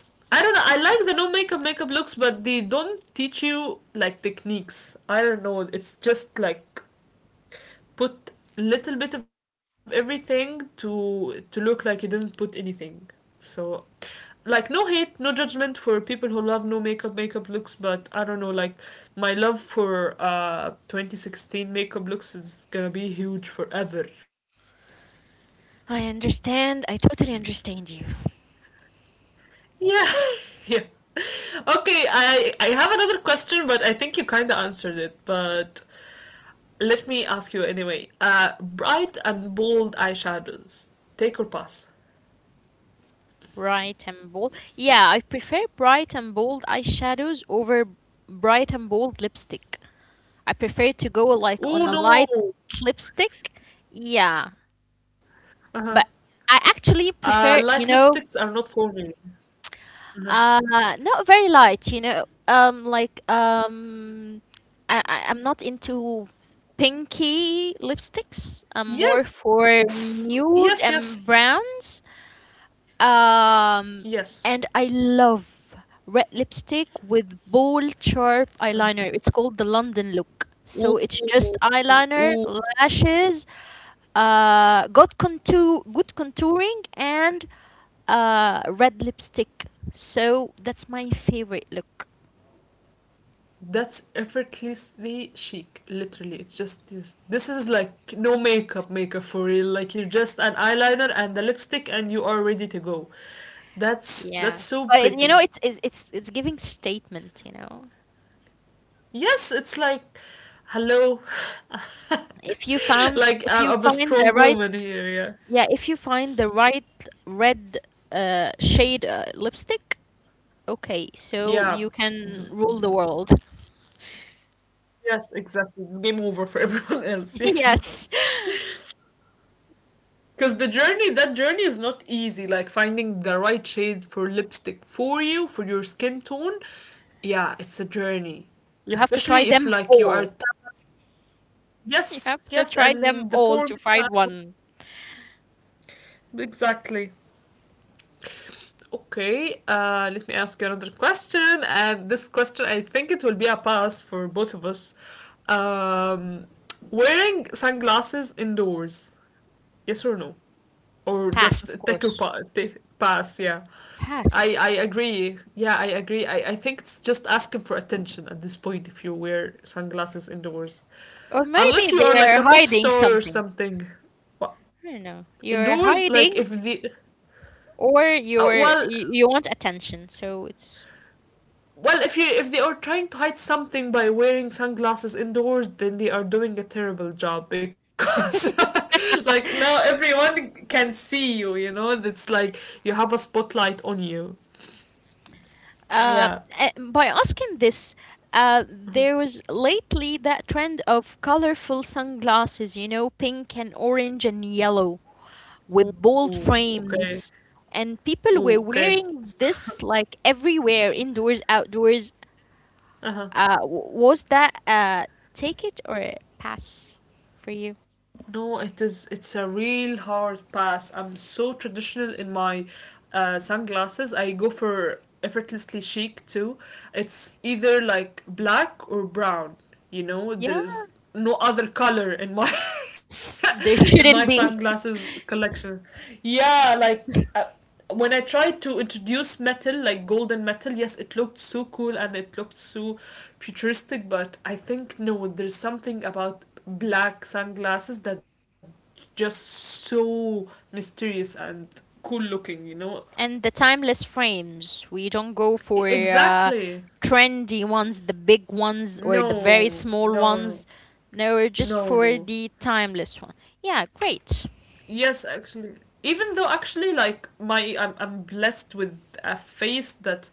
[SPEAKER 1] I don't know. I like the no makeup makeup looks, but they don't teach you like techniques. I don't know. It's just like put little bit of everything to look like you didn't put anything. So like no hate, no judgment for people who love no makeup makeup looks, but I don't know like my love for 2016 makeup looks is going to be huge forever.
[SPEAKER 2] I understand. I totally understand you.
[SPEAKER 1] Yeah. *laughs* Yeah. Okay, I have another question, but I think you kind of answered it, but let me ask you anyway. Bright and bold eyeshadows. Take or pass?
[SPEAKER 2] Bright and bold. Yeah, I prefer bright and bold eyeshadows over bright and bold lipstick. I prefer to go like on
[SPEAKER 1] Oh
[SPEAKER 2] a light
[SPEAKER 1] no.
[SPEAKER 2] lipstick. Yeah,
[SPEAKER 1] Uh-huh.
[SPEAKER 2] but I actually
[SPEAKER 1] Light
[SPEAKER 2] prefer,
[SPEAKER 1] lipsticks
[SPEAKER 2] you
[SPEAKER 1] are
[SPEAKER 2] know,
[SPEAKER 1] not for me. Mhm.
[SPEAKER 2] Uh, not very light, you know. I I'm not into pinky lipsticks. I'm more
[SPEAKER 1] Yes,
[SPEAKER 2] for
[SPEAKER 1] yes, yes,
[SPEAKER 2] nude and browns. Um,
[SPEAKER 1] yes.
[SPEAKER 2] and I love red lipstick with bold, sharp eyeliner. It's called the London look.
[SPEAKER 1] Ooh,
[SPEAKER 2] So it's just eyeliner,
[SPEAKER 1] ooh,
[SPEAKER 2] lashes, good contour, good contouring, and red lipstick. So that's my favorite look.
[SPEAKER 1] that's effortlessly chic. Literally, it's just this. This is like no makeup, makeup for real. Like you're just an eyeliner and a lipstick, and you are ready to go. That's
[SPEAKER 2] Yeah.
[SPEAKER 1] so
[SPEAKER 2] But it, you know
[SPEAKER 1] pretty.
[SPEAKER 2] it's giving statement, you know.
[SPEAKER 1] Yes, it's like, hello, *laughs* like
[SPEAKER 2] If you
[SPEAKER 1] I'm a
[SPEAKER 2] find the
[SPEAKER 1] strong
[SPEAKER 2] right
[SPEAKER 1] woman here. Yeah,
[SPEAKER 2] yeah, if you find the right red shade lipstick, okay, so
[SPEAKER 1] yeah.
[SPEAKER 2] you can
[SPEAKER 1] Z-
[SPEAKER 2] rule the
[SPEAKER 1] z-
[SPEAKER 2] world.
[SPEAKER 1] Yes, exactly. It's game over for everyone *laughs* else.
[SPEAKER 2] *laughs*
[SPEAKER 1] Yeah.
[SPEAKER 2] Yes.
[SPEAKER 1] Because the journey, that journey is not easy. Like finding the right shade for lipstick for you, for your skin tone. Yeah, it's a journey.
[SPEAKER 2] You have to try
[SPEAKER 1] Especially if
[SPEAKER 2] them
[SPEAKER 1] like you are.
[SPEAKER 2] all. You have
[SPEAKER 1] Yes,
[SPEAKER 2] to
[SPEAKER 1] yes,
[SPEAKER 2] try them
[SPEAKER 1] and the
[SPEAKER 2] all to find
[SPEAKER 1] formula.
[SPEAKER 2] one.
[SPEAKER 1] Exactly. Okay, let me ask you another question. And this question, I think it will be a pass for both of us. Um, wearing sunglasses indoors, yes or no? Or just
[SPEAKER 2] Pass, of
[SPEAKER 1] take your
[SPEAKER 2] course.
[SPEAKER 1] take pass. Yeah,
[SPEAKER 2] Pass.
[SPEAKER 1] I agree. Yeah, I agree. I think it's just asking for attention at this point if you wear sunglasses indoors,
[SPEAKER 2] Or maybe
[SPEAKER 1] unless you
[SPEAKER 2] they
[SPEAKER 1] are like
[SPEAKER 2] are
[SPEAKER 1] a pop
[SPEAKER 2] hiding
[SPEAKER 1] star or
[SPEAKER 2] something.
[SPEAKER 1] something. Wha-
[SPEAKER 2] I don't know. You're
[SPEAKER 1] Indoors, like if
[SPEAKER 2] hiding
[SPEAKER 1] the
[SPEAKER 2] or
[SPEAKER 1] well.
[SPEAKER 2] you, you want attention. So it's
[SPEAKER 1] Well, if you if they are trying to hide something by wearing sunglasses indoors, then they are doing a terrible job because *laughs* like now everyone can see you, you know, it's like you have a spotlight on you.
[SPEAKER 2] *laughs*
[SPEAKER 1] Yeah.
[SPEAKER 2] by asking this there was lately that trend of colorful sunglasses, you know, pink and orange and yellow with bold
[SPEAKER 1] Ooh, okay.
[SPEAKER 2] frames. And people were
[SPEAKER 1] Ooh, okay.
[SPEAKER 2] wearing this like everywhere, indoors, outdoors.
[SPEAKER 1] Uh-huh.
[SPEAKER 2] Was that take it or pass for you?
[SPEAKER 1] No, it is, it's a real hard pass. I'm so traditional in my sunglasses. I go for effortlessly chic too. It's either like black or brown, you know? There
[SPEAKER 2] Yeah,
[SPEAKER 1] is no other color in my
[SPEAKER 2] *sniffs*
[SPEAKER 1] *laughs* in
[SPEAKER 2] there
[SPEAKER 1] my
[SPEAKER 2] shouldn't be.
[SPEAKER 1] sunglasses
[SPEAKER 2] *laughs*
[SPEAKER 1] collection. Yeah, like when I tried to introduce metal, like golden metal, yes, it looked so cool and it looked so futuristic, but I think no, there's something about black sunglasses that just so mysterious and cool looking, you know?
[SPEAKER 2] And the timeless frames. We don't go for
[SPEAKER 1] Exactly.
[SPEAKER 2] trendy ones, the big ones, or the very
[SPEAKER 1] No,
[SPEAKER 2] small ones.
[SPEAKER 1] no,
[SPEAKER 2] No, we're just
[SPEAKER 1] no,
[SPEAKER 2] for the
[SPEAKER 1] no.
[SPEAKER 2] timeless one. Yeah, great.
[SPEAKER 1] Yes, actually. Even though actually like my I'm blessed with a face that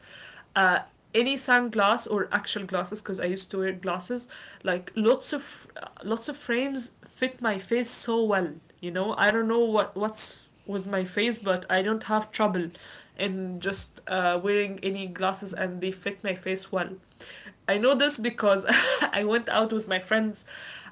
[SPEAKER 1] uh any sunglass or actual glasses, because I used to wear glasses, like lots of frames fit my face so well, you know? I don't know what's with my face, but I don't have trouble in just wearing any glasses and they fit my face well. I know this because *laughs* I went out with my friends,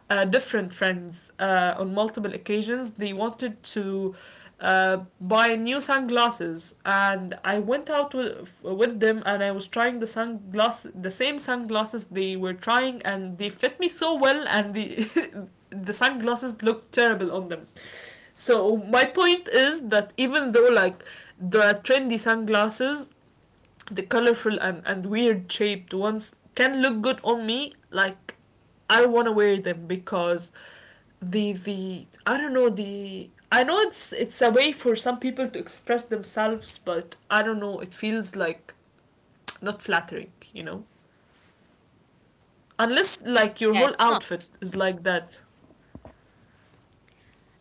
[SPEAKER 1] different friends, on multiple occasions. They wanted to buy new sunglasses, and I went out with them, and I was trying the sunglass, the same sunglasses they were trying, and they fit me so well, and the *laughs* the sunglasses looked terrible on them. So my point is that even though like there are trendy sunglasses, the colorful and weird shaped ones can look good on me, like I want to wear them because the I don't know the I know it's a way for some people to express themselves, but I don't know, it feels like not flattering, you know, unless like your
[SPEAKER 2] Yeah,
[SPEAKER 1] whole
[SPEAKER 2] it's not.
[SPEAKER 1] outfit is like that.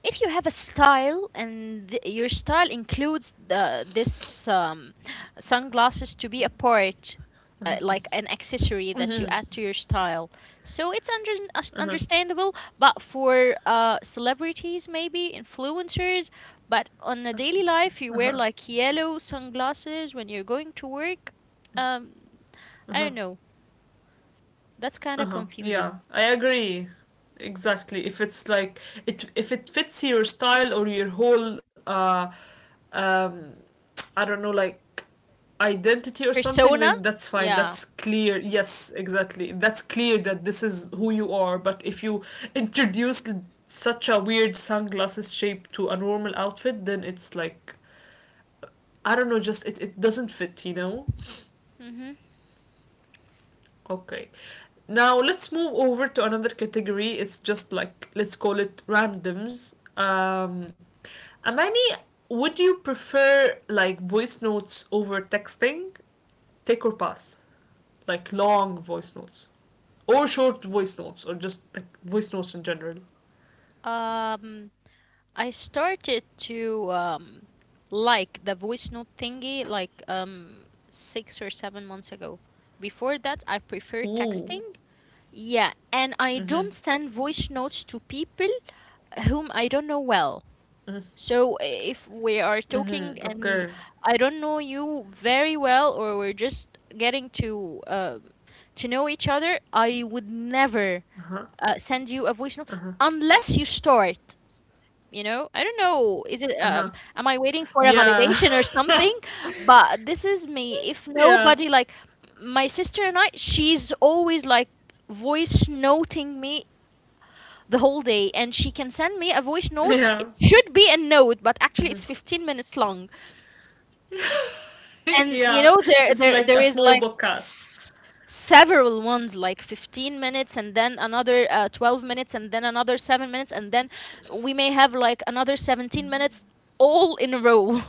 [SPEAKER 2] If you have a style and your style includes this sunglasses to be a part, like an accessory that
[SPEAKER 1] Hmm.
[SPEAKER 2] you add to your style, so it's
[SPEAKER 1] Uh-huh.
[SPEAKER 2] understandable, but for celebrities, maybe influencers, but on a daily
[SPEAKER 1] Uh-huh.
[SPEAKER 2] life you wear like yellow sunglasses when you're going to work, um, I
[SPEAKER 1] Uh-huh.
[SPEAKER 2] don't know, that's kind of
[SPEAKER 1] Uh-huh, yeah,
[SPEAKER 2] confusing.
[SPEAKER 1] I agree, exactly. If it's like it if it fits your style or your whole um I don't know, like identity or something,
[SPEAKER 2] Persona,
[SPEAKER 1] then that's fine.
[SPEAKER 2] yeah.
[SPEAKER 1] That's clear. Yes, exactly. That's clear that this is who you are. But if you introduce such a weird sunglasses shape to a normal outfit, then it's like, I don't know, just it doesn't fit, you know?
[SPEAKER 2] Mm-hmm.
[SPEAKER 1] Okay. Now let's move over to another category. It's just like, let's call it randoms. Amani, would you prefer like voice notes over texting? Take or pass? Like long voice notes or short voice notes or just like voice notes in general.
[SPEAKER 2] um I started to like the voice note thingy like 6 or 7 months ago. Before that, I prefer
[SPEAKER 1] Ooh.
[SPEAKER 2] texting. Yeah, and I
[SPEAKER 1] Mhm.
[SPEAKER 2] don't send voice notes to people whom I don't know
[SPEAKER 1] Mhm.
[SPEAKER 2] well. So if we
[SPEAKER 1] Mhm.
[SPEAKER 2] are talking
[SPEAKER 1] Okay.
[SPEAKER 2] and I don't know you very well, or we're just getting to know each other, I would never
[SPEAKER 1] Uh huh.
[SPEAKER 2] send you a voice note
[SPEAKER 1] Uh huh.
[SPEAKER 2] unless you start, you know, I don't
[SPEAKER 1] Uh huh.
[SPEAKER 2] know, is it am I waiting
[SPEAKER 1] Yeah.
[SPEAKER 2] for a validation or
[SPEAKER 1] *laughs*
[SPEAKER 2] something? But this is me. If
[SPEAKER 1] Yeah.
[SPEAKER 2] nobody, like my sister and I, she's always like voice noting me the whole day, and she can send me a voice note,
[SPEAKER 1] Yeah.
[SPEAKER 2] it should be a note but actually it's 15 minutes long.
[SPEAKER 1] *laughs*
[SPEAKER 2] And you
[SPEAKER 1] Yeah.
[SPEAKER 2] know there
[SPEAKER 1] It's
[SPEAKER 2] there
[SPEAKER 1] like
[SPEAKER 2] there
[SPEAKER 1] a
[SPEAKER 2] is
[SPEAKER 1] small
[SPEAKER 2] like
[SPEAKER 1] podcast.
[SPEAKER 2] s- several ones like 15 minutes and then another 12 minutes and then another 7 minutes and then we may have like another 17 minutes all in a row.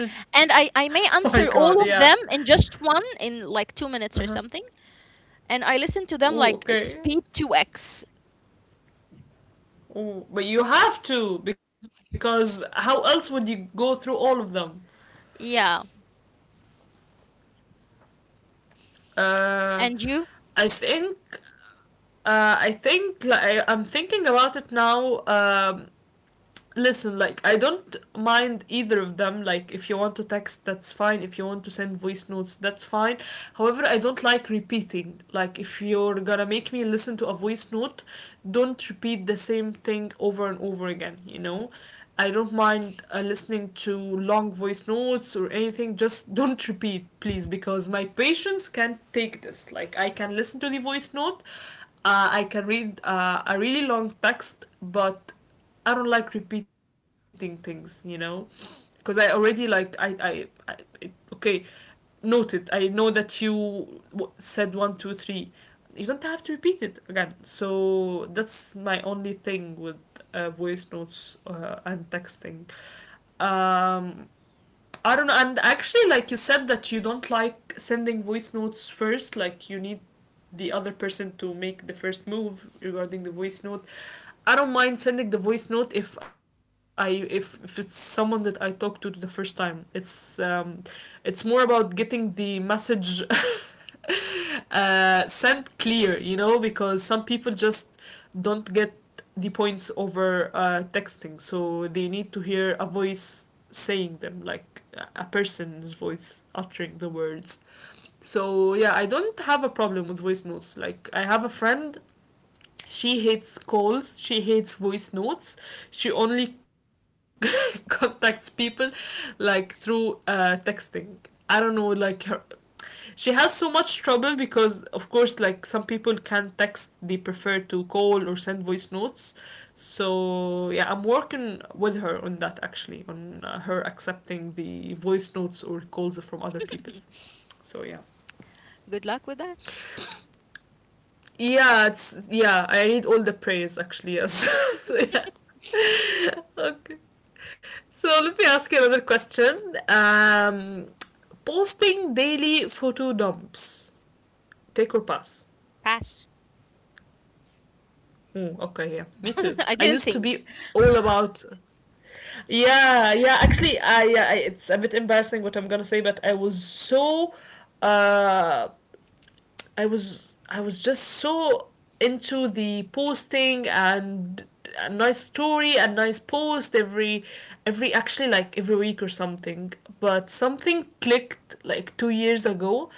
[SPEAKER 2] *laughs* And i
[SPEAKER 1] *laughs* Oh
[SPEAKER 2] i
[SPEAKER 1] my
[SPEAKER 2] may
[SPEAKER 1] god.
[SPEAKER 2] answer
[SPEAKER 1] Yeah.
[SPEAKER 2] all of them in just one in like 2 minutes or something, and I listen to them
[SPEAKER 1] Ooh.
[SPEAKER 2] like
[SPEAKER 1] Okay.
[SPEAKER 2] speed 2x,
[SPEAKER 1] Ooh. But you have to, because how else would you go through all of them?
[SPEAKER 2] yeah.
[SPEAKER 1] Uh,
[SPEAKER 2] And you
[SPEAKER 1] I think. I think like, I'm thinking about it now. Listen, like I don't mind either of them. Like if you want to text, that's fine. If you want to send voice notes, that's fine. However, I don't like repeating. Like if you're gonna make me listen to a voice note, don't repeat the same thing over and over again, you know? I don't mind listening to long voice notes or anything. Just don't repeat, please, because my patience can't take this. Like I can listen to the voice note, I can read a really long text, but I don't like repeating things, because I already like, I it, okay, noted. I know that you said 1, 2, 3. You don't have to repeat it again. So that's my only thing with voice notes and texting. Um, I don't know. And actually, like you said, that you don't like sending voice notes first. Like you need the other person to make the first move regarding the voice note. I don't mind sending the voice note if it's someone that I talk to the first time. It's more about getting the message *laughs* sent clear, you know, because some people just don't get the points over texting, so they need to hear a voice saying them, like a person's voice uttering the words. So yeah, I don't have a problem with voice notes. Like I have a friend, she hates calls, she hates voice notes. She only *laughs* contacts people like through texting. I don't know, like her, she has so much trouble because, of course, like some people can't text; they prefer to call or send voice notes. So yeah, I'm working with her on that actually, on her accepting the voice notes or calls from other people. So yeah,
[SPEAKER 2] good luck with that
[SPEAKER 1] yeah, it's, yeah, I read all the prayers actually, yes. *laughs* Yeah. Okay. So let me ask you another question. Posting daily photo dumps. Take or pass.
[SPEAKER 2] pass.
[SPEAKER 1] Mm, okay, yeah. Me too.
[SPEAKER 2] *laughs* I
[SPEAKER 1] I
[SPEAKER 2] didn't
[SPEAKER 1] used to
[SPEAKER 2] think.
[SPEAKER 1] be all about, yeah, yeah. Actually, I, yeah, I, it's a bit embarrassing what I'm gonna say, but I was so uh I was just so into the posting and a nice story, a nice post every actually like every week or something, but something clicked like 2 years ago.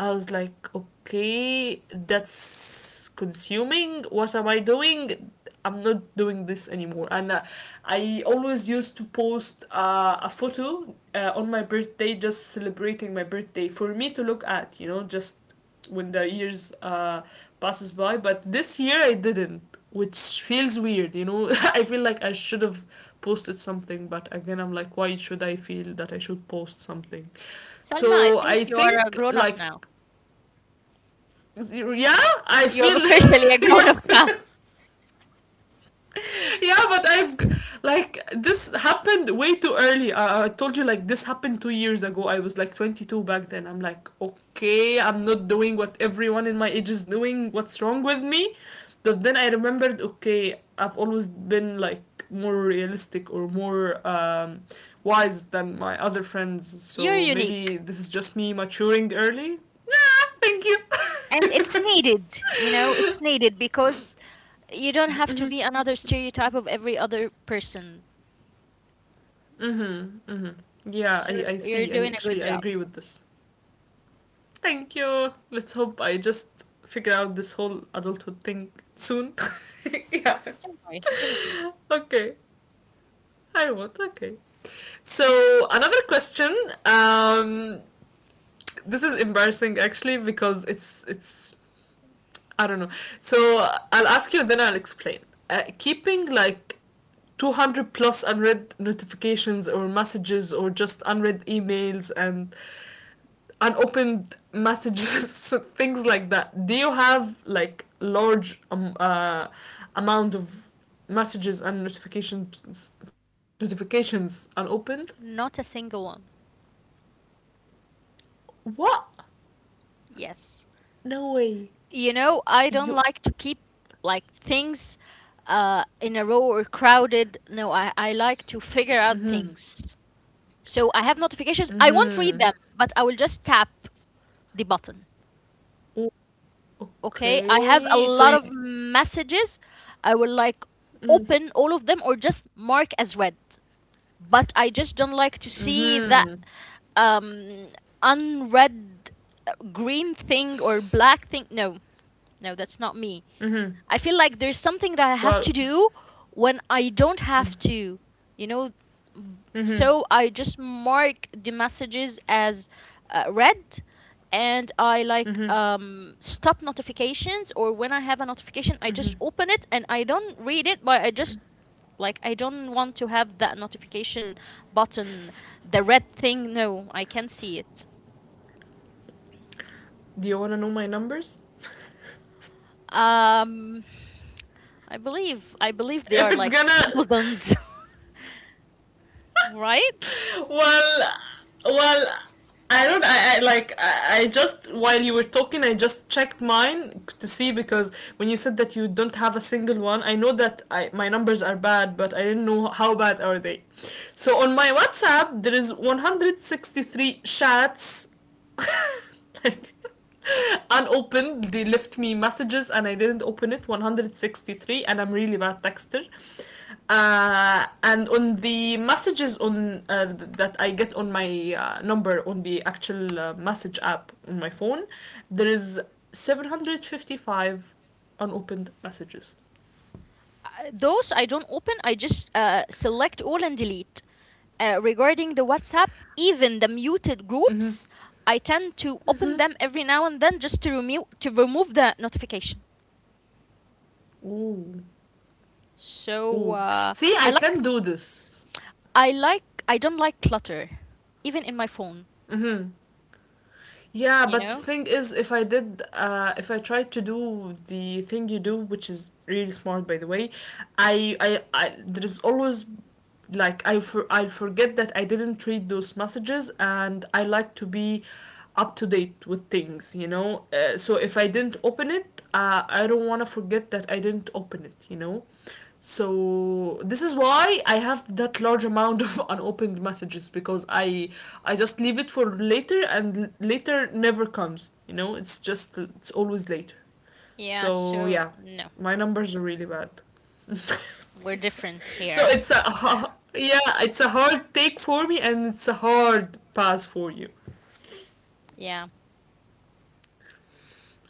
[SPEAKER 1] I was like, okay, that's consuming, what am I doing? I'm not doing this anymore. And I always used to post a photo on my birthday, just celebrating my birthday for me to look at, you know, just when the years passes by. But this year I didn't, which feels weird. You know, *laughs* I feel like I should have posted something, but again I'm like, why should I feel that I should post something?
[SPEAKER 2] Salma, I
[SPEAKER 1] So
[SPEAKER 2] think
[SPEAKER 1] I
[SPEAKER 2] you are a
[SPEAKER 1] think
[SPEAKER 2] grown up
[SPEAKER 1] like,
[SPEAKER 2] now.
[SPEAKER 1] yeah, I
[SPEAKER 2] You're officially a
[SPEAKER 1] feel, *laughs*
[SPEAKER 2] grown up *laughs* now.
[SPEAKER 1] yeah. *laughs* Yeah, but like this happened way too early. I told you like this happened 2 years ago. I was like 22 back then. I'm like, okay, I'm not doing what everyone in my age is doing. What's wrong with me? But then I remembered, okay, I've always been like more realistic or more wise than my other friends.
[SPEAKER 2] You're
[SPEAKER 1] So
[SPEAKER 2] unique.
[SPEAKER 1] maybe this is just me maturing early. Yeah, thank you.
[SPEAKER 2] And it's needed, you know, it's
[SPEAKER 1] *laughs*
[SPEAKER 2] needed because you don't have to be another stereotype of every other person.
[SPEAKER 1] Mm-hmm. Mm-hmm. Yeah,
[SPEAKER 2] So
[SPEAKER 1] I
[SPEAKER 2] you're
[SPEAKER 1] see. I
[SPEAKER 2] doing a good
[SPEAKER 1] actually I
[SPEAKER 2] job.
[SPEAKER 1] agree with this. Thank you. Let's hope I just figure out this whole adulthood thing soon. *laughs* Yeah.
[SPEAKER 2] Don't worry, don't worry.
[SPEAKER 1] Okay. I won't. Okay. So another question. Um, this is embarrassing actually because it's I don't know. So I'll ask you, then I'll explain. Keeping like 200 plus unread notifications or messages or just unread emails and unopened messages, *laughs* things like that. Do you have like large amount of messages and notifications unopened?
[SPEAKER 2] Not a single one.
[SPEAKER 1] What?
[SPEAKER 2] Yes.
[SPEAKER 1] No way.
[SPEAKER 2] You know, I don't
[SPEAKER 1] You
[SPEAKER 2] like to keep like things in a row or crowded. No, I like to figure out things. So I have notifications. I won't read them, but I will just tap the button.
[SPEAKER 1] oh,
[SPEAKER 2] Okay, I have a
[SPEAKER 1] okay?
[SPEAKER 2] lot
[SPEAKER 1] So
[SPEAKER 2] of
[SPEAKER 1] you.
[SPEAKER 2] messages. I will like
[SPEAKER 1] Mm,
[SPEAKER 2] open all of them or just mark as read. But I just don't like to see
[SPEAKER 1] mm-hmm.
[SPEAKER 2] that um unread uh, green thing or black thing. No, no, that's not me.
[SPEAKER 1] Mm-hmm.
[SPEAKER 2] I feel like there's something that I have to
[SPEAKER 1] Well.
[SPEAKER 2] do when I don't have to, you know.
[SPEAKER 1] Mm-hmm.
[SPEAKER 2] So I just mark the messages as read, and I like
[SPEAKER 1] Mm-hmm.
[SPEAKER 2] stop notifications or when I have a notification, I just open it and I don't read it, but I just like I don't want to have that notification button, the red thing. No, I can see it.
[SPEAKER 1] Do you wanna know my numbers?
[SPEAKER 2] Um, I believe they
[SPEAKER 1] If
[SPEAKER 2] are
[SPEAKER 1] it's
[SPEAKER 2] like
[SPEAKER 1] gonna. *laughs*
[SPEAKER 2] thousands, *laughs* right?
[SPEAKER 1] *laughs* Well, well, I don't. I like. I just while you were talking, I just checked mine to see, because when you said that you don't have a single one, I know that I my numbers are bad, but I didn't know how bad are they. So on my WhatsApp, there is 163 chats, *laughs* like unopened, they left me messages and I didn't open it. 163, and I'm really bad texter. And on the messages on that I get on my number on the actual message app on my phone, there is 755 unopened messages.
[SPEAKER 2] Those I don't open, I just select all and delete. Regarding the WhatsApp, even the muted groups, I tend to open them every now and then just to remove the notification.
[SPEAKER 1] Ooh,
[SPEAKER 2] So
[SPEAKER 1] ooh, see,
[SPEAKER 2] I
[SPEAKER 1] I
[SPEAKER 2] like
[SPEAKER 1] can do this.
[SPEAKER 2] I like I don't like clutter, even in my phone.
[SPEAKER 1] Yeah,
[SPEAKER 2] You
[SPEAKER 1] but the
[SPEAKER 2] know?
[SPEAKER 1] thing is, if I did, if I tried to do the thing you do, which is really smart, by the way, I, there's always like, I forget that I didn't read those messages, and I like to be up to date with things, you know. So if I didn't open it, I don't want to forget that I didn't open it, you know. So this is why I have that large amount of *laughs* unopened messages, because I just leave it for later and later never comes. You know, it's just, it's always later.
[SPEAKER 2] Yeah.
[SPEAKER 1] So
[SPEAKER 2] So
[SPEAKER 1] yeah,
[SPEAKER 2] no,
[SPEAKER 1] my numbers are really bad. *laughs* So
[SPEAKER 2] we're different here.
[SPEAKER 1] it's a *laughs*
[SPEAKER 2] *laughs*
[SPEAKER 1] yeah, it's a hard take for me and it's a hard pass for you.
[SPEAKER 2] Yeah.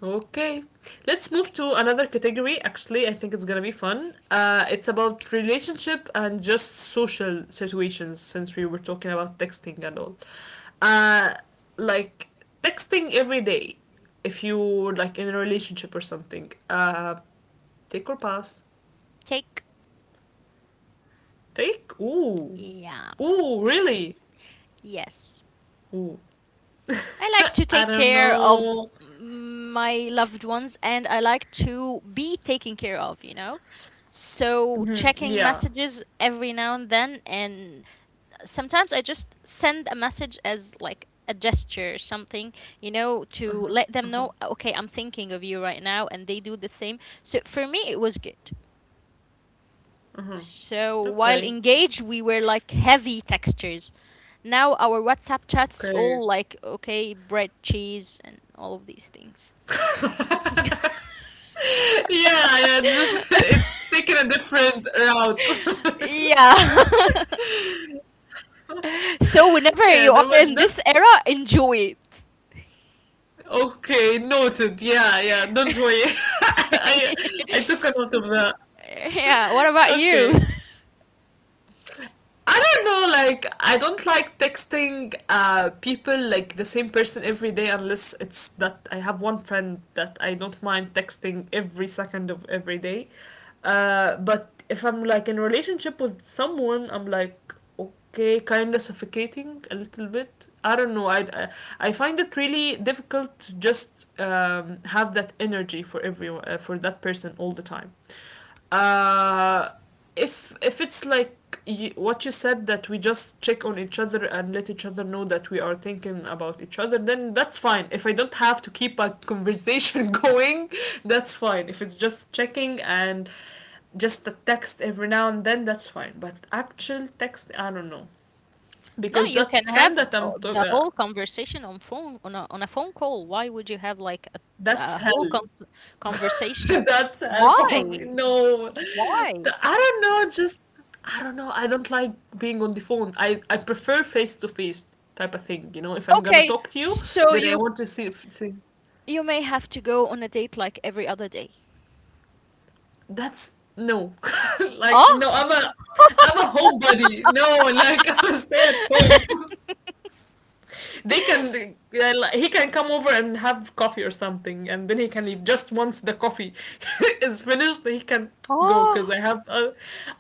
[SPEAKER 1] Okay, let's move to another category. Actually, I think it's gonna be fun. It's about relationship and just social situations since we were talking about texting and all. Uh, like texting every day if you're like in a relationship or something. Take or pass?
[SPEAKER 2] Take.
[SPEAKER 1] Take? Ooh.
[SPEAKER 2] Yeah.
[SPEAKER 1] Ooh, really?
[SPEAKER 2] Yes.
[SPEAKER 1] Ooh.
[SPEAKER 2] I like to
[SPEAKER 1] *laughs* I
[SPEAKER 2] take
[SPEAKER 1] don't
[SPEAKER 2] care of
[SPEAKER 1] know.
[SPEAKER 2] my loved ones and I like to be taken care of, you know? So
[SPEAKER 1] Mhm,
[SPEAKER 2] checking
[SPEAKER 1] yeah.
[SPEAKER 2] messages every now and then, and sometimes I just send a message as like a gesture or something, you know, to let them know, okay, I'm thinking of you right now, and they do the same. So for me it was good. So while
[SPEAKER 1] Okay.
[SPEAKER 2] engaged we were like heavy textures, now our WhatsApp chats
[SPEAKER 1] Okay.
[SPEAKER 2] all like okay, bread, cheese, and all of these things.
[SPEAKER 1] *laughs* Yeah, yeah, it's just *laughs* it's
[SPEAKER 2] *laughs*
[SPEAKER 1] taking a different route. *laughs*
[SPEAKER 2] Yeah. *laughs* So whenever
[SPEAKER 1] Yeah,
[SPEAKER 2] you
[SPEAKER 1] that,
[SPEAKER 2] are
[SPEAKER 1] was
[SPEAKER 2] in
[SPEAKER 1] that
[SPEAKER 2] this era, enjoy
[SPEAKER 1] okay, noted. Yeah, yeah, don't worry. *laughs* I
[SPEAKER 2] it.
[SPEAKER 1] I took a
[SPEAKER 2] *laughs*
[SPEAKER 1] note of that.
[SPEAKER 2] Yeah. What about you? *laughs*
[SPEAKER 1] Okay. I don't know, like I don't like texting people like the same person every day unless it's that I have one friend that I don't mind texting every second of every day. Uh, but if I'm like in a relationship with someone, I'm like, okay, kind of suffocating a little bit. I don't know, I find it really difficult to just have that energy for everyone for that person all the time. uh if it's like you, what you said that we just check on each other and let each other know that we are thinking about each other, then that's fine if I don't have to keep a conversation *laughs* going. That's fine if it's just checking and just a text every now and then, that's fine, but actual text, I don't know,
[SPEAKER 2] No,
[SPEAKER 1] because
[SPEAKER 2] you
[SPEAKER 1] that
[SPEAKER 2] can
[SPEAKER 1] friend
[SPEAKER 2] have
[SPEAKER 1] that I'm talking,
[SPEAKER 2] the whole conversation on phone on on a phone call. Why would you have like
[SPEAKER 1] that's
[SPEAKER 2] a whole
[SPEAKER 1] hell.
[SPEAKER 2] con
[SPEAKER 1] *laughs*
[SPEAKER 2] conversation?
[SPEAKER 1] That's hell for me,
[SPEAKER 2] Why?
[SPEAKER 1] no.
[SPEAKER 2] Why?
[SPEAKER 1] The- I don't know, just I don't know, I don't like being on the phone, I prefer face to face type of thing, you know? If I'm gonna
[SPEAKER 2] Okay,
[SPEAKER 1] talk to you,
[SPEAKER 2] so
[SPEAKER 1] then I
[SPEAKER 2] you.
[SPEAKER 1] want to see
[SPEAKER 2] You may have to go on a date like every other day.
[SPEAKER 1] that's no. *laughs* Like, no,
[SPEAKER 2] Oh,
[SPEAKER 1] I'm a homebody. No, like, I'm a stay at home. *laughs* They can, yeah, like, he can come over and have coffee or something and then he can leave just once the coffee *laughs* is finished, he can go because
[SPEAKER 2] oh.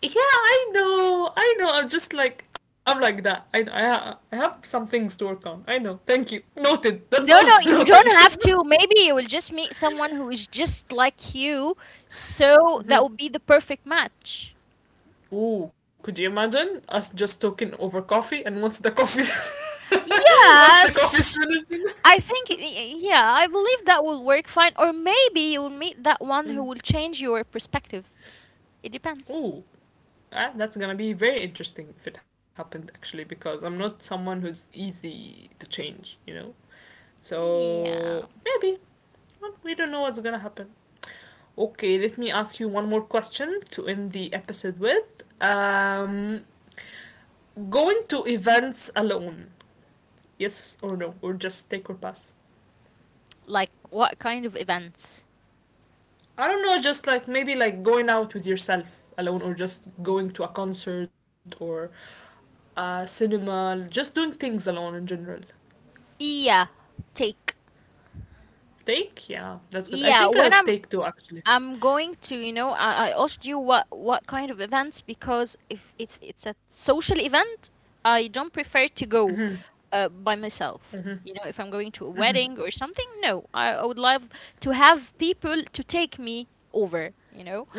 [SPEAKER 1] yeah, I know, I'm just like, I'm like that. I have some things to work on, I know, thank you, noted, that's
[SPEAKER 2] No, no,
[SPEAKER 1] also *laughs*
[SPEAKER 2] you
[SPEAKER 1] noted.
[SPEAKER 2] don't
[SPEAKER 1] *laughs*
[SPEAKER 2] have to. Maybe you will just meet someone who is just like you, so that would
[SPEAKER 1] Mhm.
[SPEAKER 2] be the perfect match.
[SPEAKER 1] Ooh, could you imagine us just talking over coffee, and once the coffee *laughs* once the coffee is
[SPEAKER 2] Yes,
[SPEAKER 1] finished.
[SPEAKER 2] I think, yeah, I believe that will work fine. Or maybe you'll meet that one who will change your perspective. It depends.
[SPEAKER 1] *laughs* Ooh, ah, that's gonna be very interesting if it happened actually, because I'm not someone who's easy to change, you know? So
[SPEAKER 2] Yeah.
[SPEAKER 1] maybe. Well, we don't know what's gonna happen. Okay, let me ask you one more question to end the episode with. Going to events alone, yes or no, or just take or pass?
[SPEAKER 2] Like what kind of events?
[SPEAKER 1] I don't know, just like maybe like going out with yourself alone, or just going to a concert or a cinema, just doing things alone in general.
[SPEAKER 2] Yeah, take.
[SPEAKER 1] Take? Yeah, that's
[SPEAKER 2] Yeah,
[SPEAKER 1] good. I
[SPEAKER 2] when
[SPEAKER 1] think I'll take two actually.
[SPEAKER 2] I'm going to, you know, I asked you what kind of events, because if it's a social event, I don't prefer to go by myself.
[SPEAKER 1] Hmm.
[SPEAKER 2] You know, if I'm going to a wedding or something, no, I would love to have people to take me over. You know,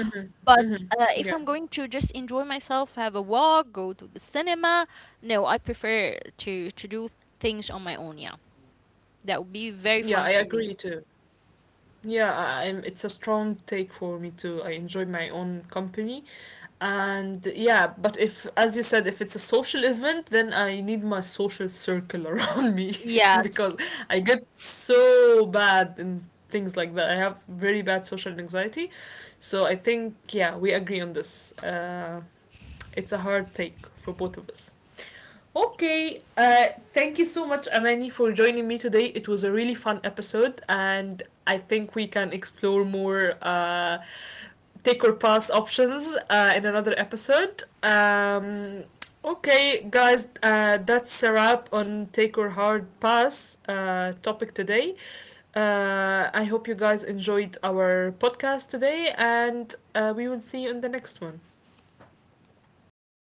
[SPEAKER 2] but
[SPEAKER 1] Hmm.
[SPEAKER 2] if I'm
[SPEAKER 1] Yeah.
[SPEAKER 2] going to just enjoy myself, have a walk, go to the cinema, no, I prefer to do things on my own. Yeah, that would be very
[SPEAKER 1] Yeah, I
[SPEAKER 2] fun for
[SPEAKER 1] agree
[SPEAKER 2] me.
[SPEAKER 1] too. Yeah, I'm, it's a strong take for me too. I enjoy my own company. And yeah, but if, as you said, if it's a social event, then I need my social circle *laughs* around me *laughs* because
[SPEAKER 2] Yes.
[SPEAKER 1] I get so bad in things like that. I have very bad social anxiety. So I think, yeah, we agree on this. It's a hard take for both of us. Okay, thank you so much, Amani, for joining me today. It was a really fun episode, and I think we can explore more take or pass options in another episode. Okay, guys, that's a wrap on take or hard pass topic today. I hope you guys enjoyed our podcast today, and we will see you in the next one.